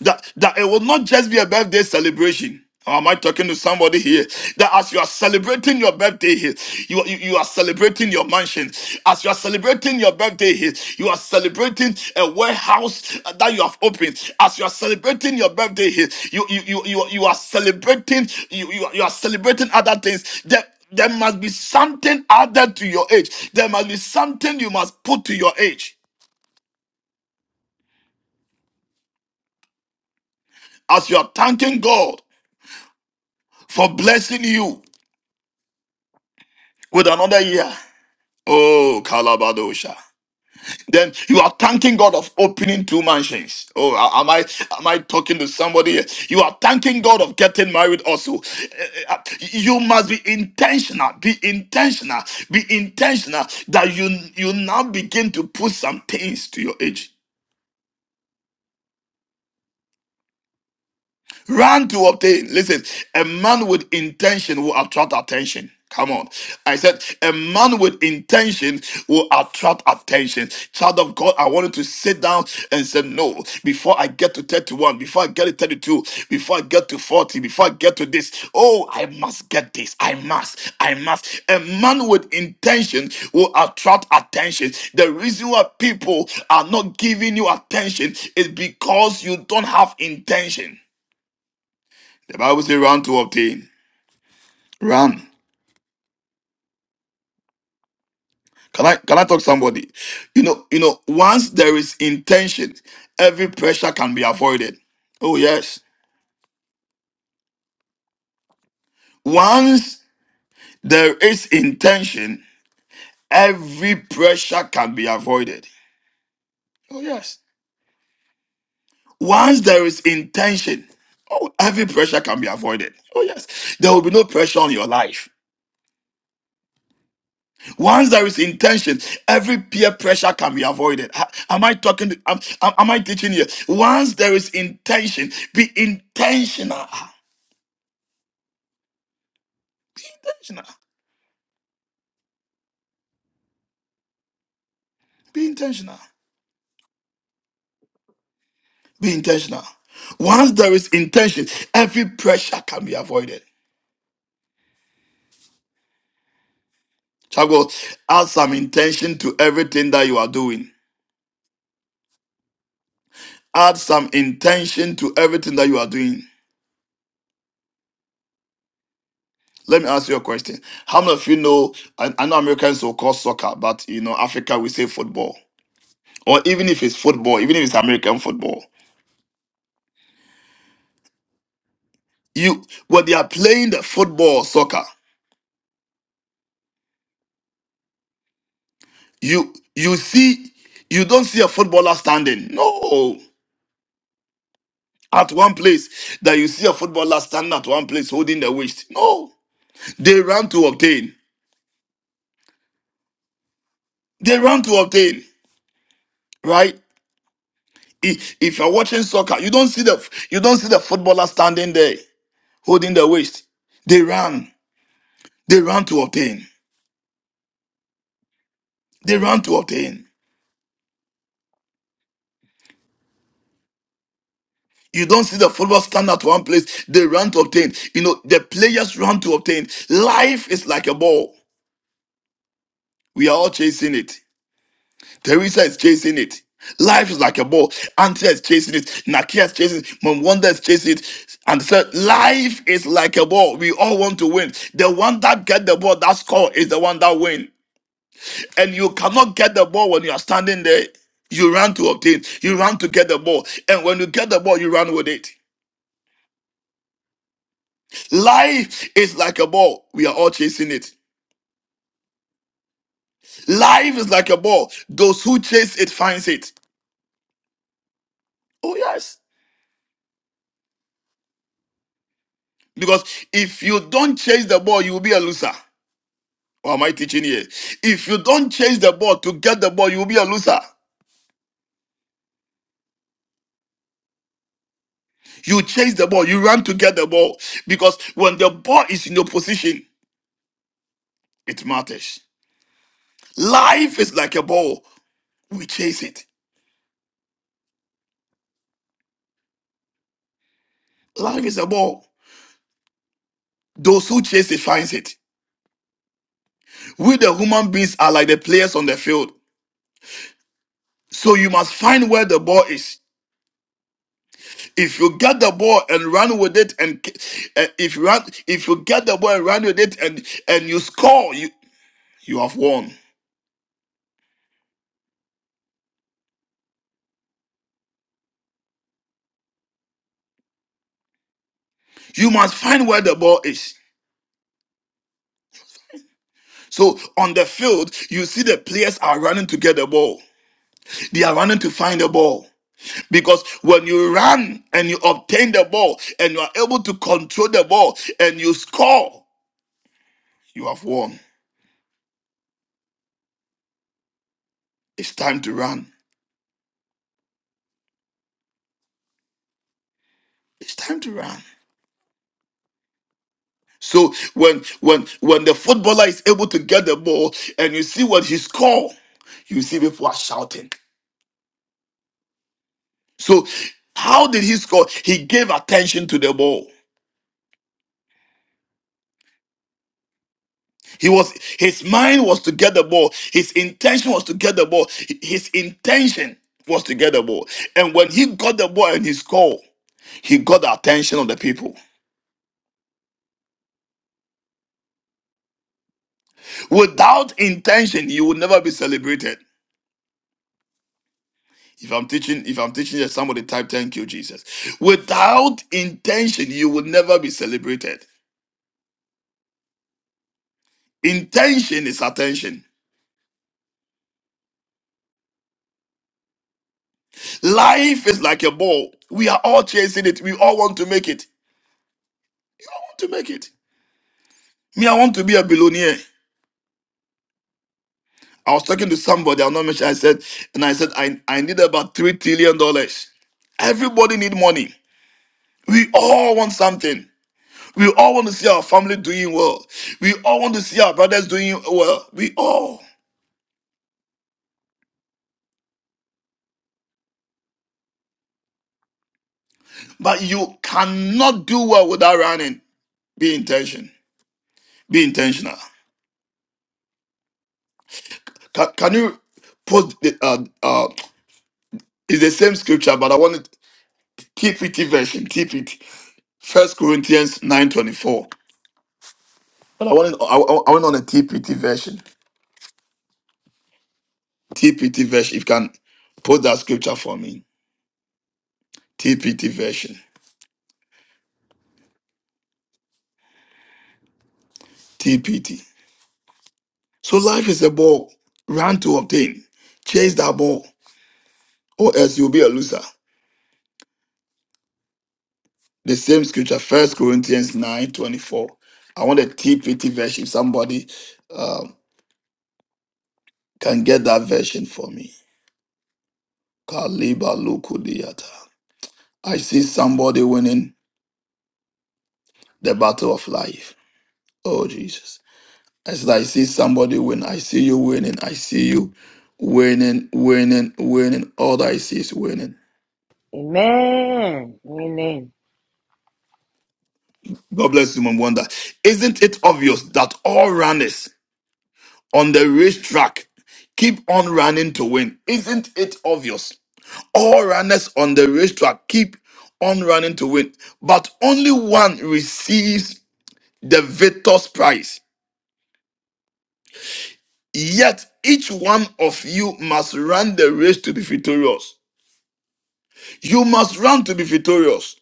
G: that, that it will not just be a birthday celebration. Or am I talking to somebody here? That as you are celebrating your birthday here, you, you, you are celebrating your mansion. As you are celebrating your birthday here, you are celebrating a warehouse uh, that you have opened. As you are celebrating your birthday here, you you you, you, you are celebrating you, you, are- you are celebrating other things. There, there must be something added to your age. There must be something you must put to your age as you are thanking God for blessing you. with another year. Oh, Kalabadosha. Then you are thanking God of opening two mansions. Oh, a- am I am I talking to somebody? here? You are thanking God of getting married also. Eh, eh, eh, You must be intentional, be intentional, be intentional that you you now begin to put some things to your age. Run to obtain. Listen, a man with intention will attract attention. Come on. I said, a man with intention will attract attention. Child of God, I wanted to sit down and say, no, before I get to 31, before I get to 32, before I get to 40, before I get to this, oh, I must get this. I must. I must. A man with intention will attract attention. The reason why people are not giving you attention is because you don't have intention. The Bible says run to obtain. Run. Can I can I talk to somebody? You know, you know, once there is intention, every pressure can be avoided. Oh yes. Once there is intention, every pressure can be avoided. Oh yes. Once there is intention, oh every pressure can be avoided. Oh yes. There will be no pressure on your life. Once there is intention, every peer pressure can be avoided. Ha- Am I talking? To, am, am am I teaching here? Once there is intention, be intentional. Ah, Intentional. Be intentional. Be intentional. Once there is intention, every pressure can be avoided. Chago, add some intention to everything that you are doing. Add some intention to everything that you are doing. Let me ask you a question. How many of you know? I, I know Americans will call soccer, but you know Africa we say football. or even if it's football, even if it's American football. You when they are playing the football soccer, you you see you don't see a footballer standing. No. At one place that you see a footballer standing at one place holding the waist. No. They run to obtain. They run to obtain, right? I- If you're watching soccer, you don't see the you don't see the footballer standing there holding the waist. They run. They run to obtain. They run to obtain. You don't see the football stand at one place, they run to obtain. You know, the players run to obtain. Life is like a ball. We are all chasing it. Teresa is chasing it. Life is like a ball. Antia is chasing it. Nakia is chasing it. Mom Wanda is chasing it. And said, life is like a ball. We all want to win. The one that get the ball, that score is the one that win. And you cannot get the ball when you are standing there. You run to obtain. You run to get the ball. And when you get the ball, you run with it. Life is like a ball. We are all chasing it. Life is like a ball. Those who chase it finds it. Oh yes. Because if you don't chase the ball, you will be a loser. Or am I teaching here? If you don't chase the ball to get the ball, you will be a loser. You chase the ball, you run to get the ball. Because when the ball is in your position, it matters. Life is like a ball. We chase it. Life is a ball. Those who chase it finds it. We the human beings are like the players on the field. So you must find where the ball is. If you get the ball and run with it, and uh, if you run, if you get the ball and run with it, and and you score, you you have won. You must find where the ball is. So on the field, you see the players are running to get the ball. They are running to find the ball. Because when you run and you obtain the ball and you are able to control the ball and you score, you have won. It's time to run. It's time to run. So when when when the footballer is able to get the ball and you see what he score, you see people are shouting. So how did he score? He gave attention to the ball. He was his mind was to get the ball. His intention was to get the ball. His intention was to get the ball. And when he got the ball and he scored, he got the attention of the people. Without intention, you will never be celebrated. If I'm teaching, if I'm teaching you, somebody type thank you, Jesus. Without intention, you will never be celebrated. Intention is attention. Life is like a ball. We are all chasing it. We all want to make it. I want to make it. Me, I want to be a billionaire. I was talking to somebody, I'll not mention I said, and I said, I, I need about three trillion dollars. Everybody need money. We all want something. We all want to see our family doing well. We all want to see our brothers doing well. We all. But you cannot do well without running. Be intention. Be intentional. Can, can you put the uh uh it's the same scripture, but I want it TPT version, TPT. First Corinthians 9:24. But I want it, I, I I want on the TPT version. TPT version. If you can put that scripture for me. TPT version. TPT. So life is a ball. Run to obtain. Chase that ball. Or else you'll be a loser. The same scripture, First Corinthians 9 24. I want a TPT version. Somebody um, can get that version for me. Kaliba Lukudiyata. I see somebody winning the battle of life. Oh, Jesus. I said, I see somebody win. I see you winning. I see you winning, winning, winning. All that I see is winning.
K: Amen. Amen.
G: God bless you, Mom Wonder. Isn't it obvious that all runners on the racetrack keep on running to win? Isn't it obvious? All runners on the race track keep on running to win, but only one receives the victor's prize. Yet each one of you must run the race to be victorious. You must run to be victorious.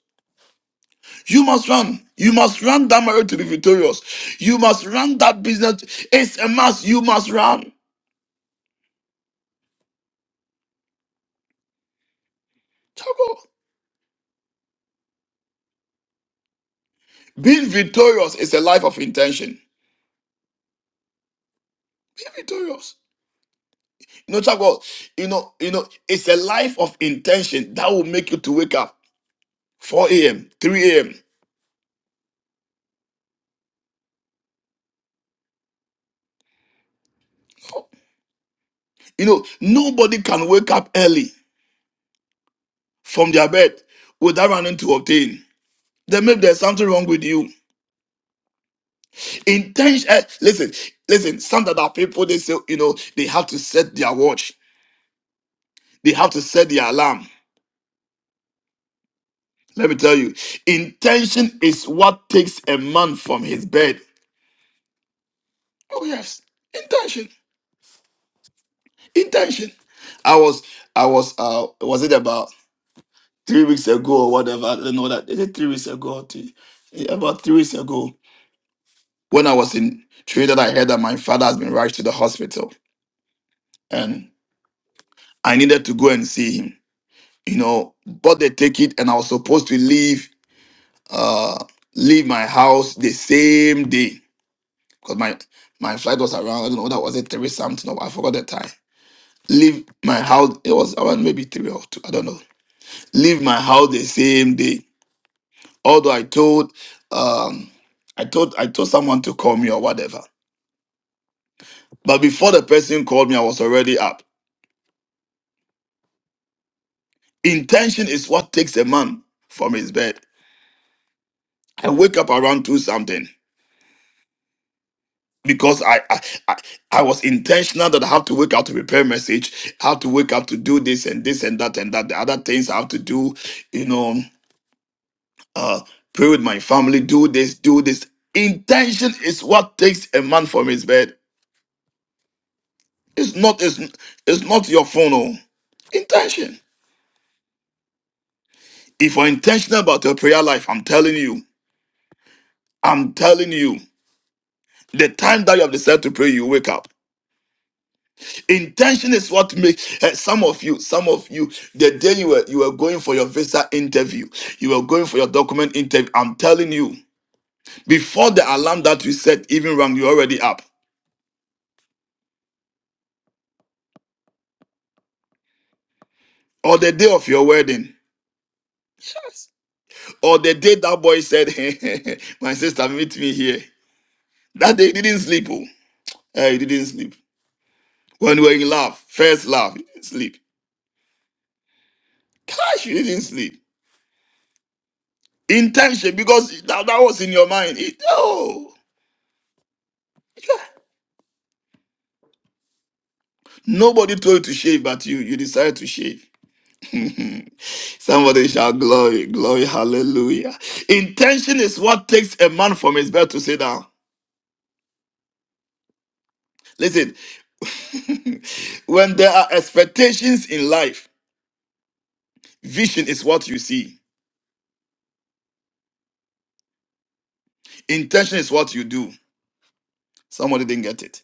G: You must run. You must run that marriage to be victorious. You must run that business. It's a must. You must run. Chago. Being victorious is a life of intention. Be victorious. You know, talk about, you know, you know, it's a life of intention that will make you to wake up 4 a.m., 3 a.m. You know, nobody can wake up early from their bed without running to obtain. Then maybe there's something wrong with you. Intention. eh, Listen, listen. Some that are people they say, you know, they have to set their watch. They have to set their alarm. Let me tell you, intention is what takes a man from his bed. Oh yes, intention. intention. I was, I was, uh, was it about three weeks ago or whatever? I don't know that. Is it three weeks ago? Or two, yeah, about three weeks ago, when I was in Trinidad, I heard that my father has been rushed to the hospital, and I needed to go and see him. You know, but they take it, and I was supposed to leave, uh, leave my house the same day because my my flight was around. I don't know that was it three something or I forgot the time. Leave my house. It was around maybe three or two. I don't know leave my house the same day. Although I told, um, I told, I told someone to call me or whatever. But before the person called me, I was already up. Intention is what takes a man from his bed. I wake up around two something because I, I I I was intentional that I have to wake up to prepare message. I have to wake up to do this and this and that and that. The other things I have to do, you know, uh, pray with my family, do this, do this. Intention is what takes a man from his bed. It's not it's, it's not your phone. Oh. Intention. If you're intentional about your prayer life, I'm telling you, I'm telling you, the time that you have decided to pray, you wake up. Intention is what makes eh, some of you, some of you, the day you were you were going for your visa interview, you were going for your document interview. I'm telling you, before the alarm that you set even rang, you're already up. Or the day of your wedding, Yes. or the day that boy said, "My sister, meet me here." That day he didn't sleep. Oh. Uh, you didn't sleep. When you were in love, first love, you didn't sleep. Gosh, you didn't sleep. Intention, because that, that was in your mind. It, oh, nobody told you to shave, but you you decided to shave. Somebody shout glory, glory, hallelujah. Intention is what takes a man from his bed to sit down. Listen, when there are expectations in life, vision is what you see, intention is what you do. Somebody didn't get it.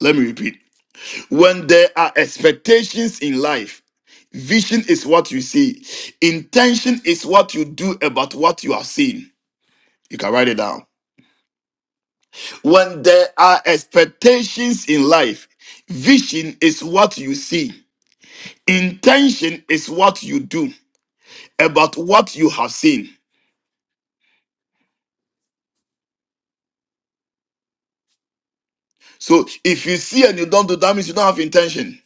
G: Let me repeat. When there are expectations in life, vision is what you see, intention is what you do about what you are seeing. You can write it down. When there are expectations in life, vision is what you see, intention is what you do about what you have seen. So if you see and you don't do, that means you don't have intention.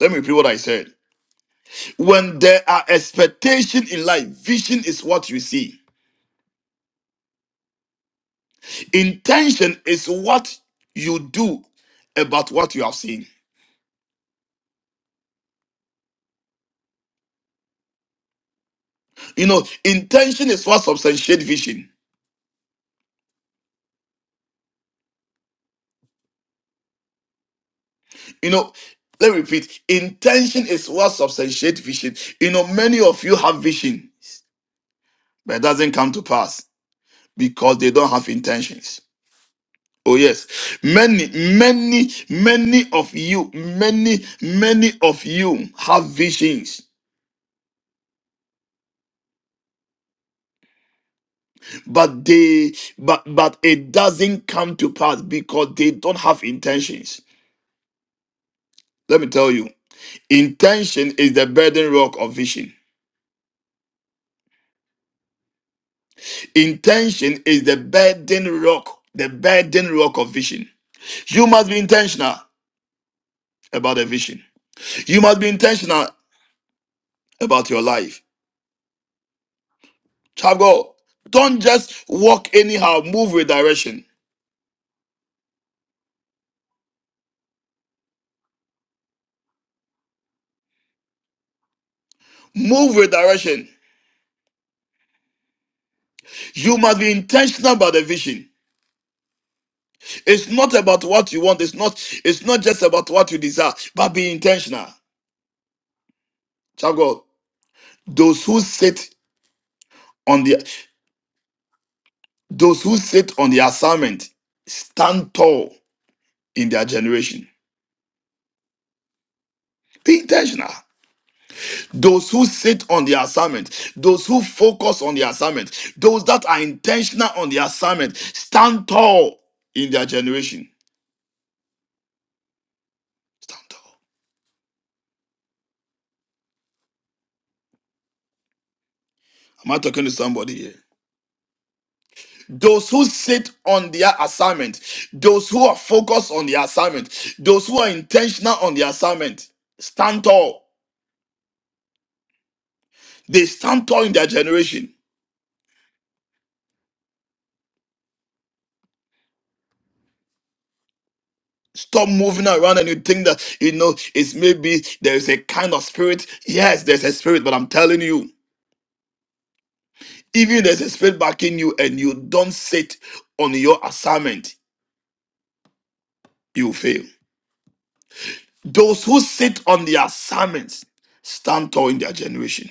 G: Let me repeat what I said. When there are expectation in life, vision is what you see. Intention is what you do about what you have seen. You know, intention is what substantiate vision. You know, let me repeat. Intention is what substantiate vision. You know, many of you have vision, but it doesn't come to pass because they don't have intentions. Oh yes, many, many, many of you, many, many of you have visions, but they, but but it doesn't come to pass because they don't have intentions. Let me tell you, intention is the burden rock of vision. Intention is the burden rock, the burden rock of vision. You must be intentional about the vision. You must be intentional about your life. Child of God, don't just walk anyhow, move with direction. Move with direction. You must be intentional about the vision. It's not about what you want, it's not, it's not just about what you desire, but be intentional. Child of God, those who sit on the Those who sit on the assignment stand tall in their generation. Be intentional. Those who sit on the assignment, those who focus on the assignment, those that are intentional on the assignment, stand tall in their generation. Stand tall. Am I talking to somebody here? Those who sit on their assignment, those who are focused on the assignment, those who are intentional on the assignment, stand tall. They stand tall in their generation. Stop moving around and you think that, you know, it's maybe there's a kind of spirit. Yes, there's a spirit, but I'm telling you, even if there's a spirit backing you and you don't sit on your assignment, you fail. Those who sit on the assignments stand tall in their generation.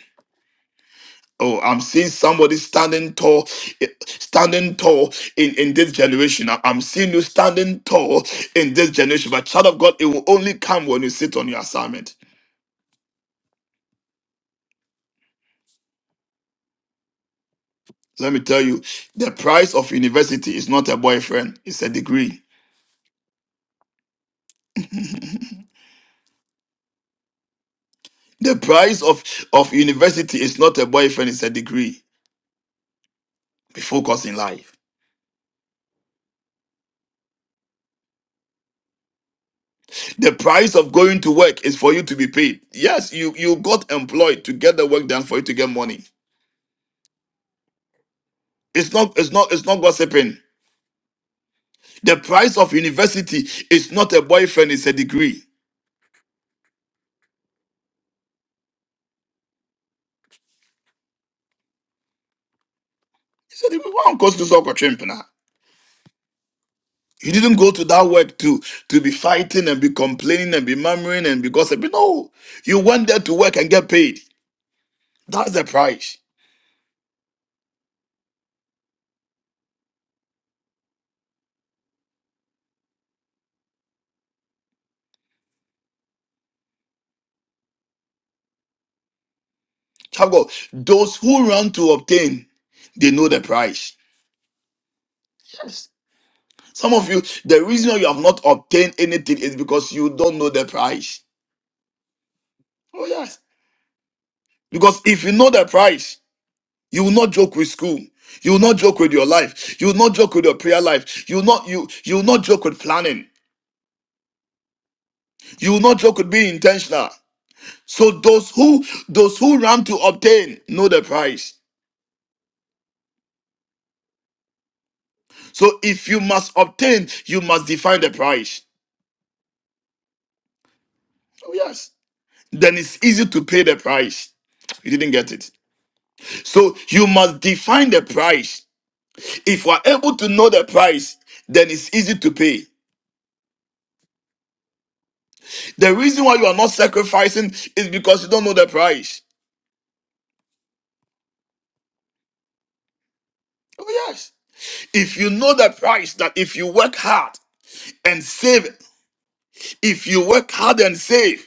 G: Oh, I'm seeing somebody standing tall, eh, standing tall in, in this generation. I- I'm seeing you standing tall in this generation. But child of God, it will only come when you sit on your assignment. Let me tell you, the price of university is not a boyfriend, it's a degree. The price of, of university is not a boyfriend, it's a degree. Be focused in life. The price of going to work is for you to be paid. Yes, you, you got employed to get the work done for you to get money. It's not it's not it's not gossiping. The price of university is not a boyfriend, it's a degree. It's a degree. Why don't you go to Sokotrim, now?" You didn't go to that work to to be fighting and be complaining and be murmuring and be gossiping. No, you went there to work and get paid. That's the price. Child of God, those who run to obtain, they know the price. Yes. Some of you, the reason you have not obtained anything is because you don't know the price. Oh yes. Because if you know the price, you will not joke with school. You will not joke with your life. You will not joke with your prayer life. You will not you you will not joke with planning. You will not joke with being intentional. So those who those who run to obtain know the price. So if you must obtain, you must define the price. Oh yes. Then it's easy to pay the price. You didn't get it. So you must define the price. If you are able to know the price, then it's easy to pay. The reason why you are not sacrificing is because you don't know the price. Oh yes. If you know the price that if you work hard and save If you work hard and save,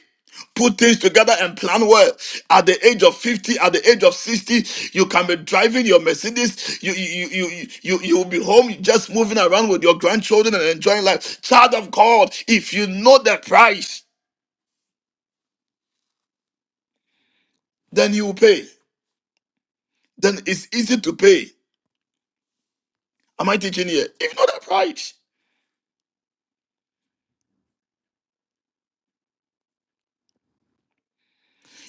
G: put things together and plan well. At the age of 50, at the age of 60, you can be driving your Mercedes. You you you you you you'll be home just moving around with your grandchildren and enjoying life. Child of God, if you know the price, then you will pay. Then it's easy to pay. Am I teaching here? If you know the price.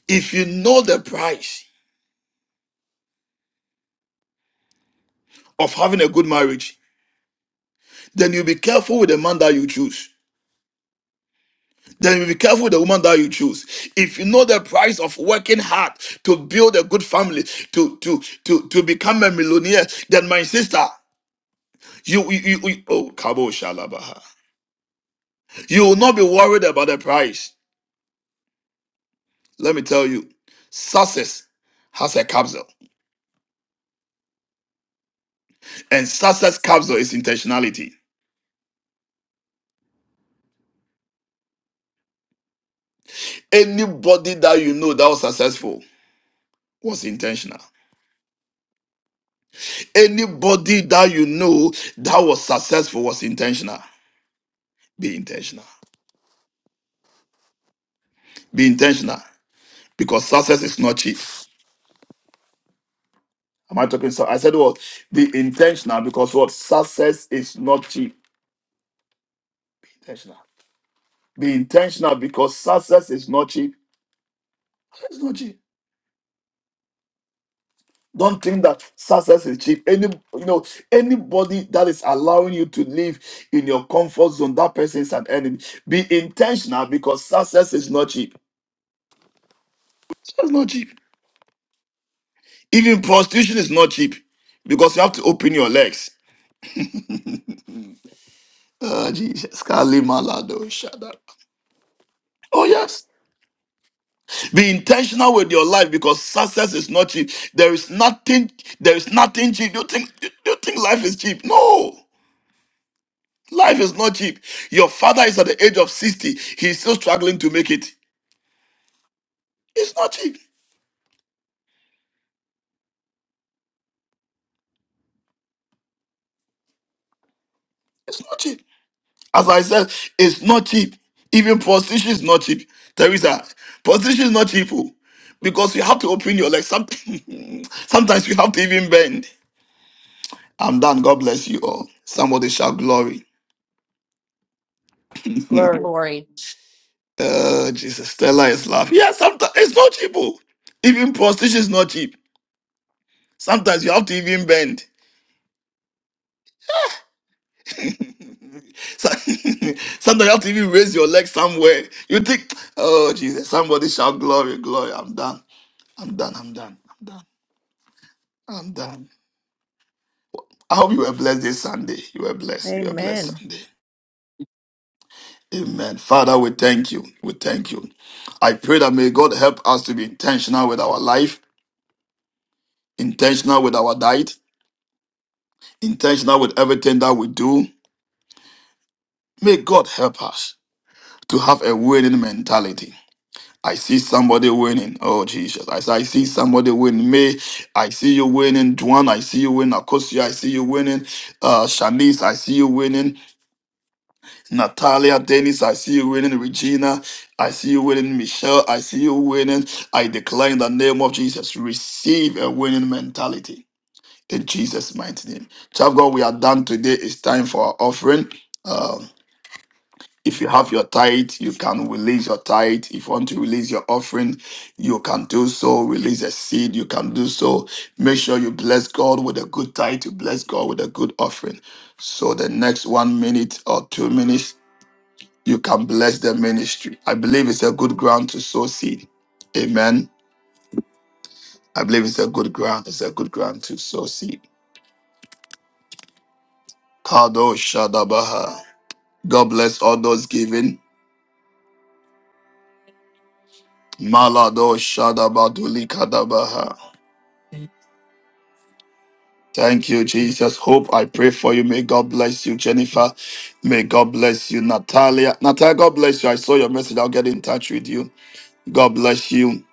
G: If you know the price of having a good marriage, then you be careful with the man that you choose Then be careful the woman that you choose. If you know the price of working hard to build a good family, to to to to become a millionaire, then my sister, you you, you, you oh kabo shalabaha, you will not be worried about the price. Let me tell you, success has a capsule, and success capsule is intentionality. Anybody that you know that was successful was intentional. Anybody that you know that was successful was intentional. Be intentional. Be intentional. because success is not cheap. Am I talking? So I said what? Be intentional because what success is not cheap. Be intentional. Be intentional because success is not cheap. It's not cheap. Don't think that success is cheap. Any you know anybody that is allowing you to live in your comfort zone, that person is an enemy. Be intentional because success is not cheap. It's not cheap. Even prostitution is not cheap because you have to open your legs. Oh Jesus, Kali Malado, shut up. Oh yes. Be intentional with your life because success is not cheap. There is nothing, there is nothing cheap. You think you you think life is cheap? No, life is not cheap. Your father is at the age of 60, he's still struggling to make it. It's not cheap. It's not cheap. As I said, it's not cheap. Even prostitution is not cheap. Teresa, prostitution is not cheap. oh, Because you have to open your legs. Some- Sometimes you have to even bend. I'm done. God bless you all. Somebody shout glory.
L: Glory.
A: Glory.
G: Oh, Jesus. Stella is laughing. Yeah, sometimes it's not cheap. oh. Even prostitution is not cheap. Sometimes you have to even bend. So- sometimes you have to even raise your leg somewhere. You think, oh, Jesus, somebody shout glory, glory. I'm done. I'm done. I'm done. I'm done. I'm done. I hope you were blessed this Sunday. You were blessed. You were blessed
L: Amen.
G: Sunday. Amen. Father, we thank you. We thank you. I pray that may God help us to be intentional with our life, intentional with our diet, intentional with everything that we do. May God help us to have a winning mentality. I see somebody winning. Oh Jesus. I, see, I see somebody winning. May I see you winning. Duan, I see you winning. Akosia, I see you winning. Uh Shanice, I see you winning. Natalia, Dennis, I see you winning. Regina, I see you winning. Michelle, I see you winning. I declare in the name of Jesus. Receive a winning mentality. In Jesus' mighty name. Child of God, we are done today. It's time for our offering. Uh, If you have your tithe, you can release your tithe. If you want to release your offering, you can do so. Release a seed, you can do so. Make sure you bless God with a good tithe, you bless God with a good offering. So the next one minute or two minutes, you can bless the ministry. I believe it's a good ground to sow seed. Amen. I believe it's a good ground. It's a good ground to sow seed. Kado Shadabaha. God bless all those giving. Malado Shadabaduli Kadabaha. Thank you, Jesus. Hope I pray for you. May God bless you, Jennifer. May God bless you, Natalia. Natalia, God bless you. I saw your message. I'll get in touch with you. God bless you.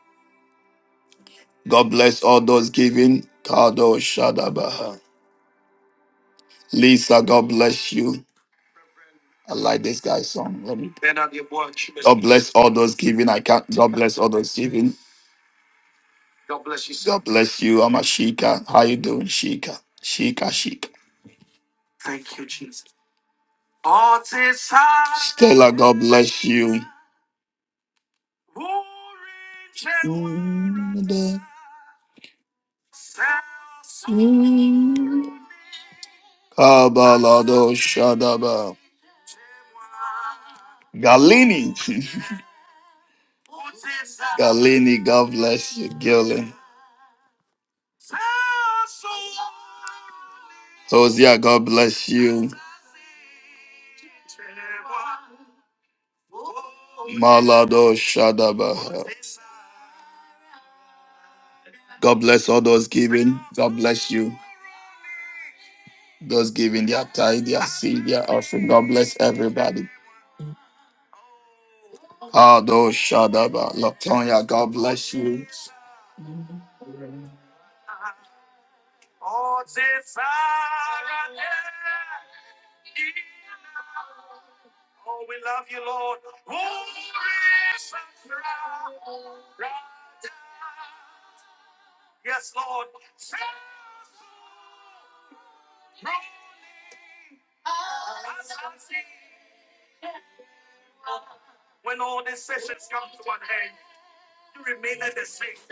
G: God bless all those giving. Kado Shadabaha. Lisa, God bless you. I like this guy's song. Let me. God bless all those giving. I can't. God bless all those giving. God bless you. God bless you. I'm a Shika. How you doing, Shika? Shika, Shika. Stella, God bless you. Kabalado Shadaba. Galini. Galini, God bless you, Gillen. Hosea, God bless you. Malado Shadaba. God bless all those giving. God bless you. Those giving their tithe, their seed, their offering. God bless everybody. Ado Shadaba. Latonya, God bless you.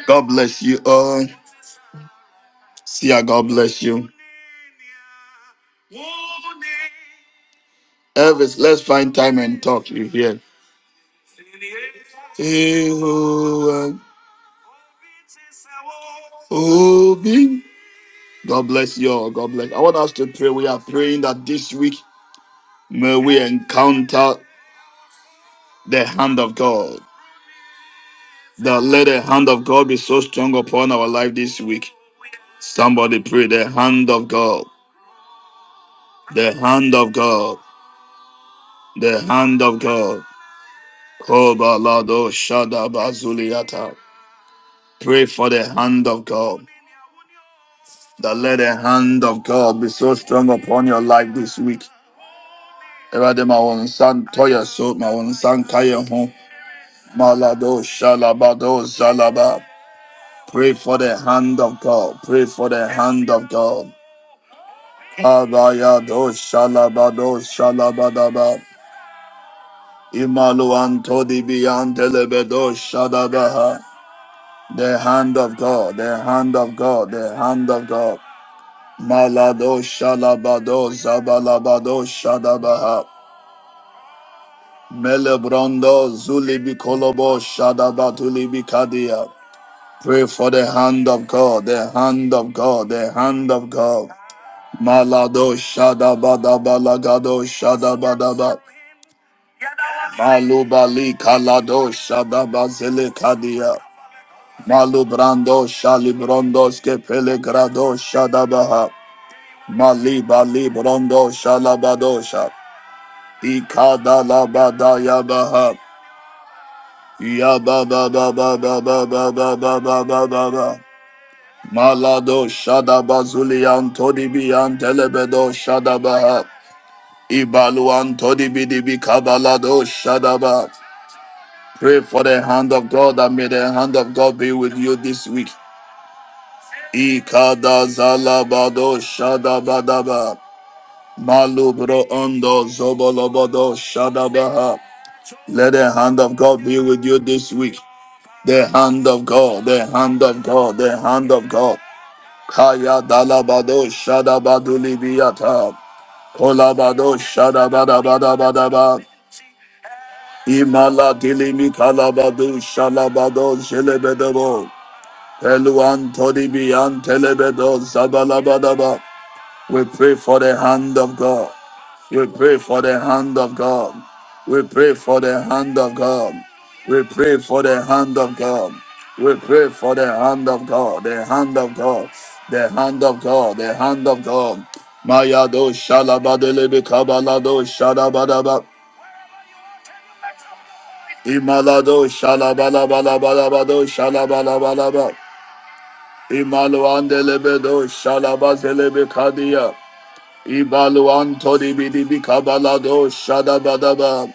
G: God bless you all. See ya. God bless you. Elvis, let's find time and talk. You hear? Jehovah, Obi. God bless you all. God bless. I want us to pray. We are praying that this week may we encounter the hand of God. That let the hand of God be so strong upon our life this week. Somebody pray the hand of God. The hand of God. The hand of God. Kobalado Shadaba Zuliata. Pray for the hand of God. That let the hand of God be so strong upon your life this week. Ewurade ma wɔn nsa ntɔ so, ma wɔn nsa ho. Malado shalabado zalaba. Pray for the hand of God. Pray for the hand of God. Abayado shalabado shalabadaba. Imalu antodi biyantelebedo shadabaha. The hand of God, the hand of God, the hand of God. Malado shalabado zabalabado shadabaha. Melebrando zulibi kolobo shadabatuli kadia. Pray for the hand of God, the hand of God, the hand of God. Malado shadabada balagado shadabadaba. Malubali kalado shadabazele kadia. Malubrando shalibrondo skepele grado shadabaha. Maliba librondo shalabadosha. Ikadalabadayabaha. Yabababababababababababa. Malado Shadabazuli Antodibi Antelebedo Shadabaha. Ibalu Antodibidibi Kabalado Shadaba. Pray for the hand of God and may the hand of God be with you this week. Ikadazalabado Shadabadaba. Malubro Ondo Zobolobodo Shadabaha. Let the hand of God be with you this week. The hand of God, the hand of God, the hand of God. Kaya dalabado shadabadu libiyata. Kolabado shadabadabadabadaba. Imala dilimi kalabadu shalabado zelebedebo. Eluan todibian telebedo zabalabadaba. We pray for the hand of God. We pray for the hand of God. We pray for the hand of God. We pray for the hand of God. We pray for the hand of God, the hand of God, the hand of God, the hand of God. Mayado shalabadelebe kabalado shadabadaba. Imalado shalabalabalabado shalabalabalaba. Imaluandelebedo shalabazelebe kadia. Ibaluantodibidibikabalado shadabadaba.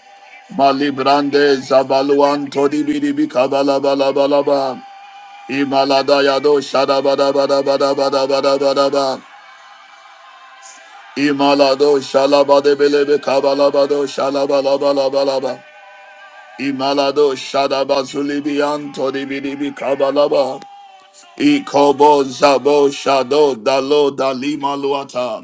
G: Malibrande Zabaluan Todi Bidibi Kabala Balabalaba Imalada Yado Shadabada Bada Bada Bada Bada Bada Bada Imalado Shalabade Belebe Kabalabado Shalabala Balabalaba Imalado Shadabazulibian Todi Bidibi Kabalaba Ikobo zabo shado dalo dalima luata.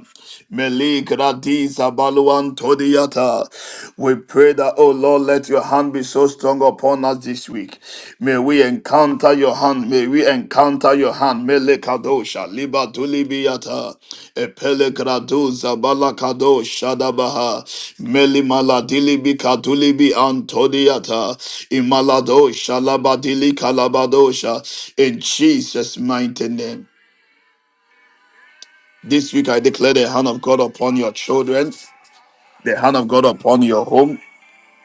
G: Melik radi zabaluan todiata. We pray that, oh Lord, let your hand be so strong upon us this week. May we encounter your hand. May we encounter your hand. Melekadosha liba tulibiyata epelegraduza balakado shadabaha melimaladilibi kadulibi antodiata imaladosha labadili kalabadosha in Jesus mighty name. This week I declare the hand of God upon your children, the hand of God upon your home,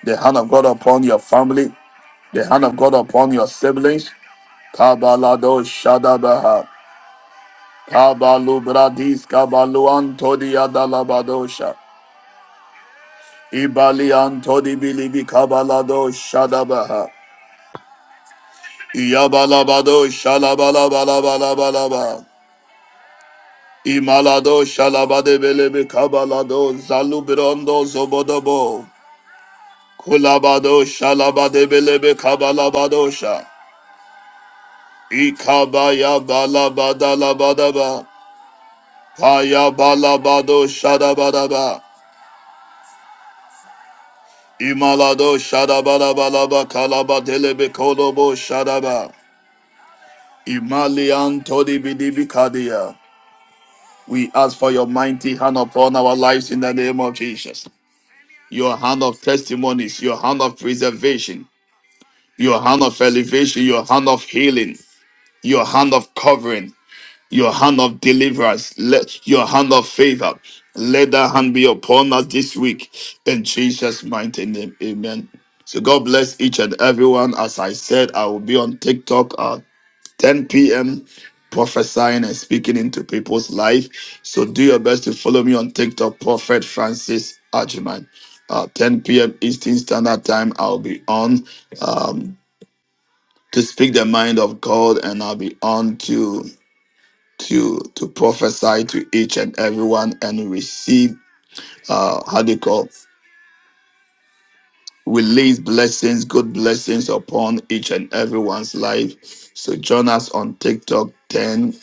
G: the hand of God upon your family, the hand of God upon your siblings. Kabalado shadabaha Kabalu bradis kabalu antodi adalabadosha. Ibali antodi bilibi kabalado shadabaha. Iyabalabado shalabalabalabalaba. Imalado shalabade belebe kabalado zalubrondo zobodobo. Kulabado shalabade belebe kabalabadosha. Ikabaya balabadalabadaba. Kaya balabado shadabadaba. Imalado shadabala balaba kalaba delebe kolobo shadaba. Imalian todi bidibi kadia. We ask for your mighty hand upon our lives in the name of Jesus. Your hand of testimonies, your hand of preservation, your hand of elevation, your hand of healing, your hand of covering, your hand of deliverance, let your hand of favor, let that hand be upon us this week in Jesus' mighty name. Amen. So God bless each and everyone. As I said, I will be on TikTok at 10 p.m. prophesying and speaking into people's life. So do your best to follow me on TikTok, Prophet Francis Ajuman. Uh, 10 p.m. Eastern Standard Time, I'll be on um, to speak the mind of God, and I'll be on to to to prophesy to each and everyone and receive uh how do you call release blessings good blessings upon each and everyone's life so join us on tiktok 10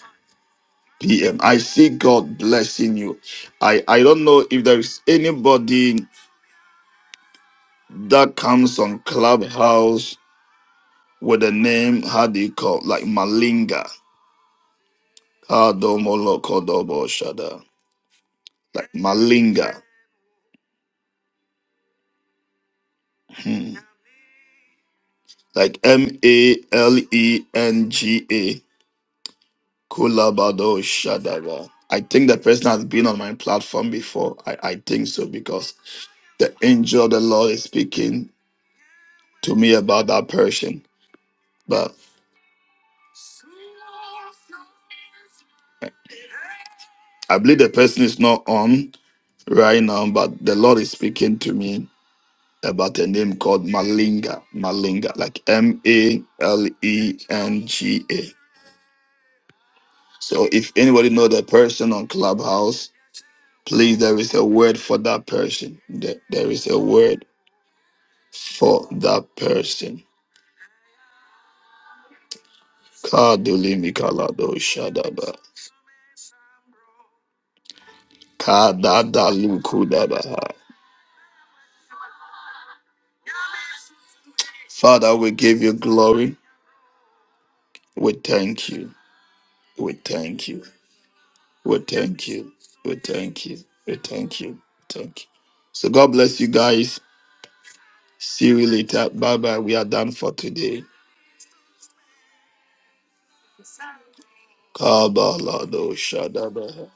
G: p.m i see god blessing you i i don't know if there is anybody that comes on clubhouse with a name how do you call like malinga Ah, domo loko shada. like malinga like M A L E N G A Kulabado Shadava. I think the person has been on my platform before. I, I think so because the angel of the Lord is speaking to me about that person. But I believe the person is not on right now, but the Lord is speaking to me about a name called Malinga. Malinga, like M A L E N G A. So if anybody know the person on Clubhouse, Please, there is a word for that person. There there is a word for that person. Kadulimi kalado shadaba. Kadadalu kudabaha. Father, we give you glory. We thank you. We thank you. We thank you. We thank you. We thank you. Thank you. So God bless you guys. See you later. Bye bye. We are done for today. Kabalado shadaba.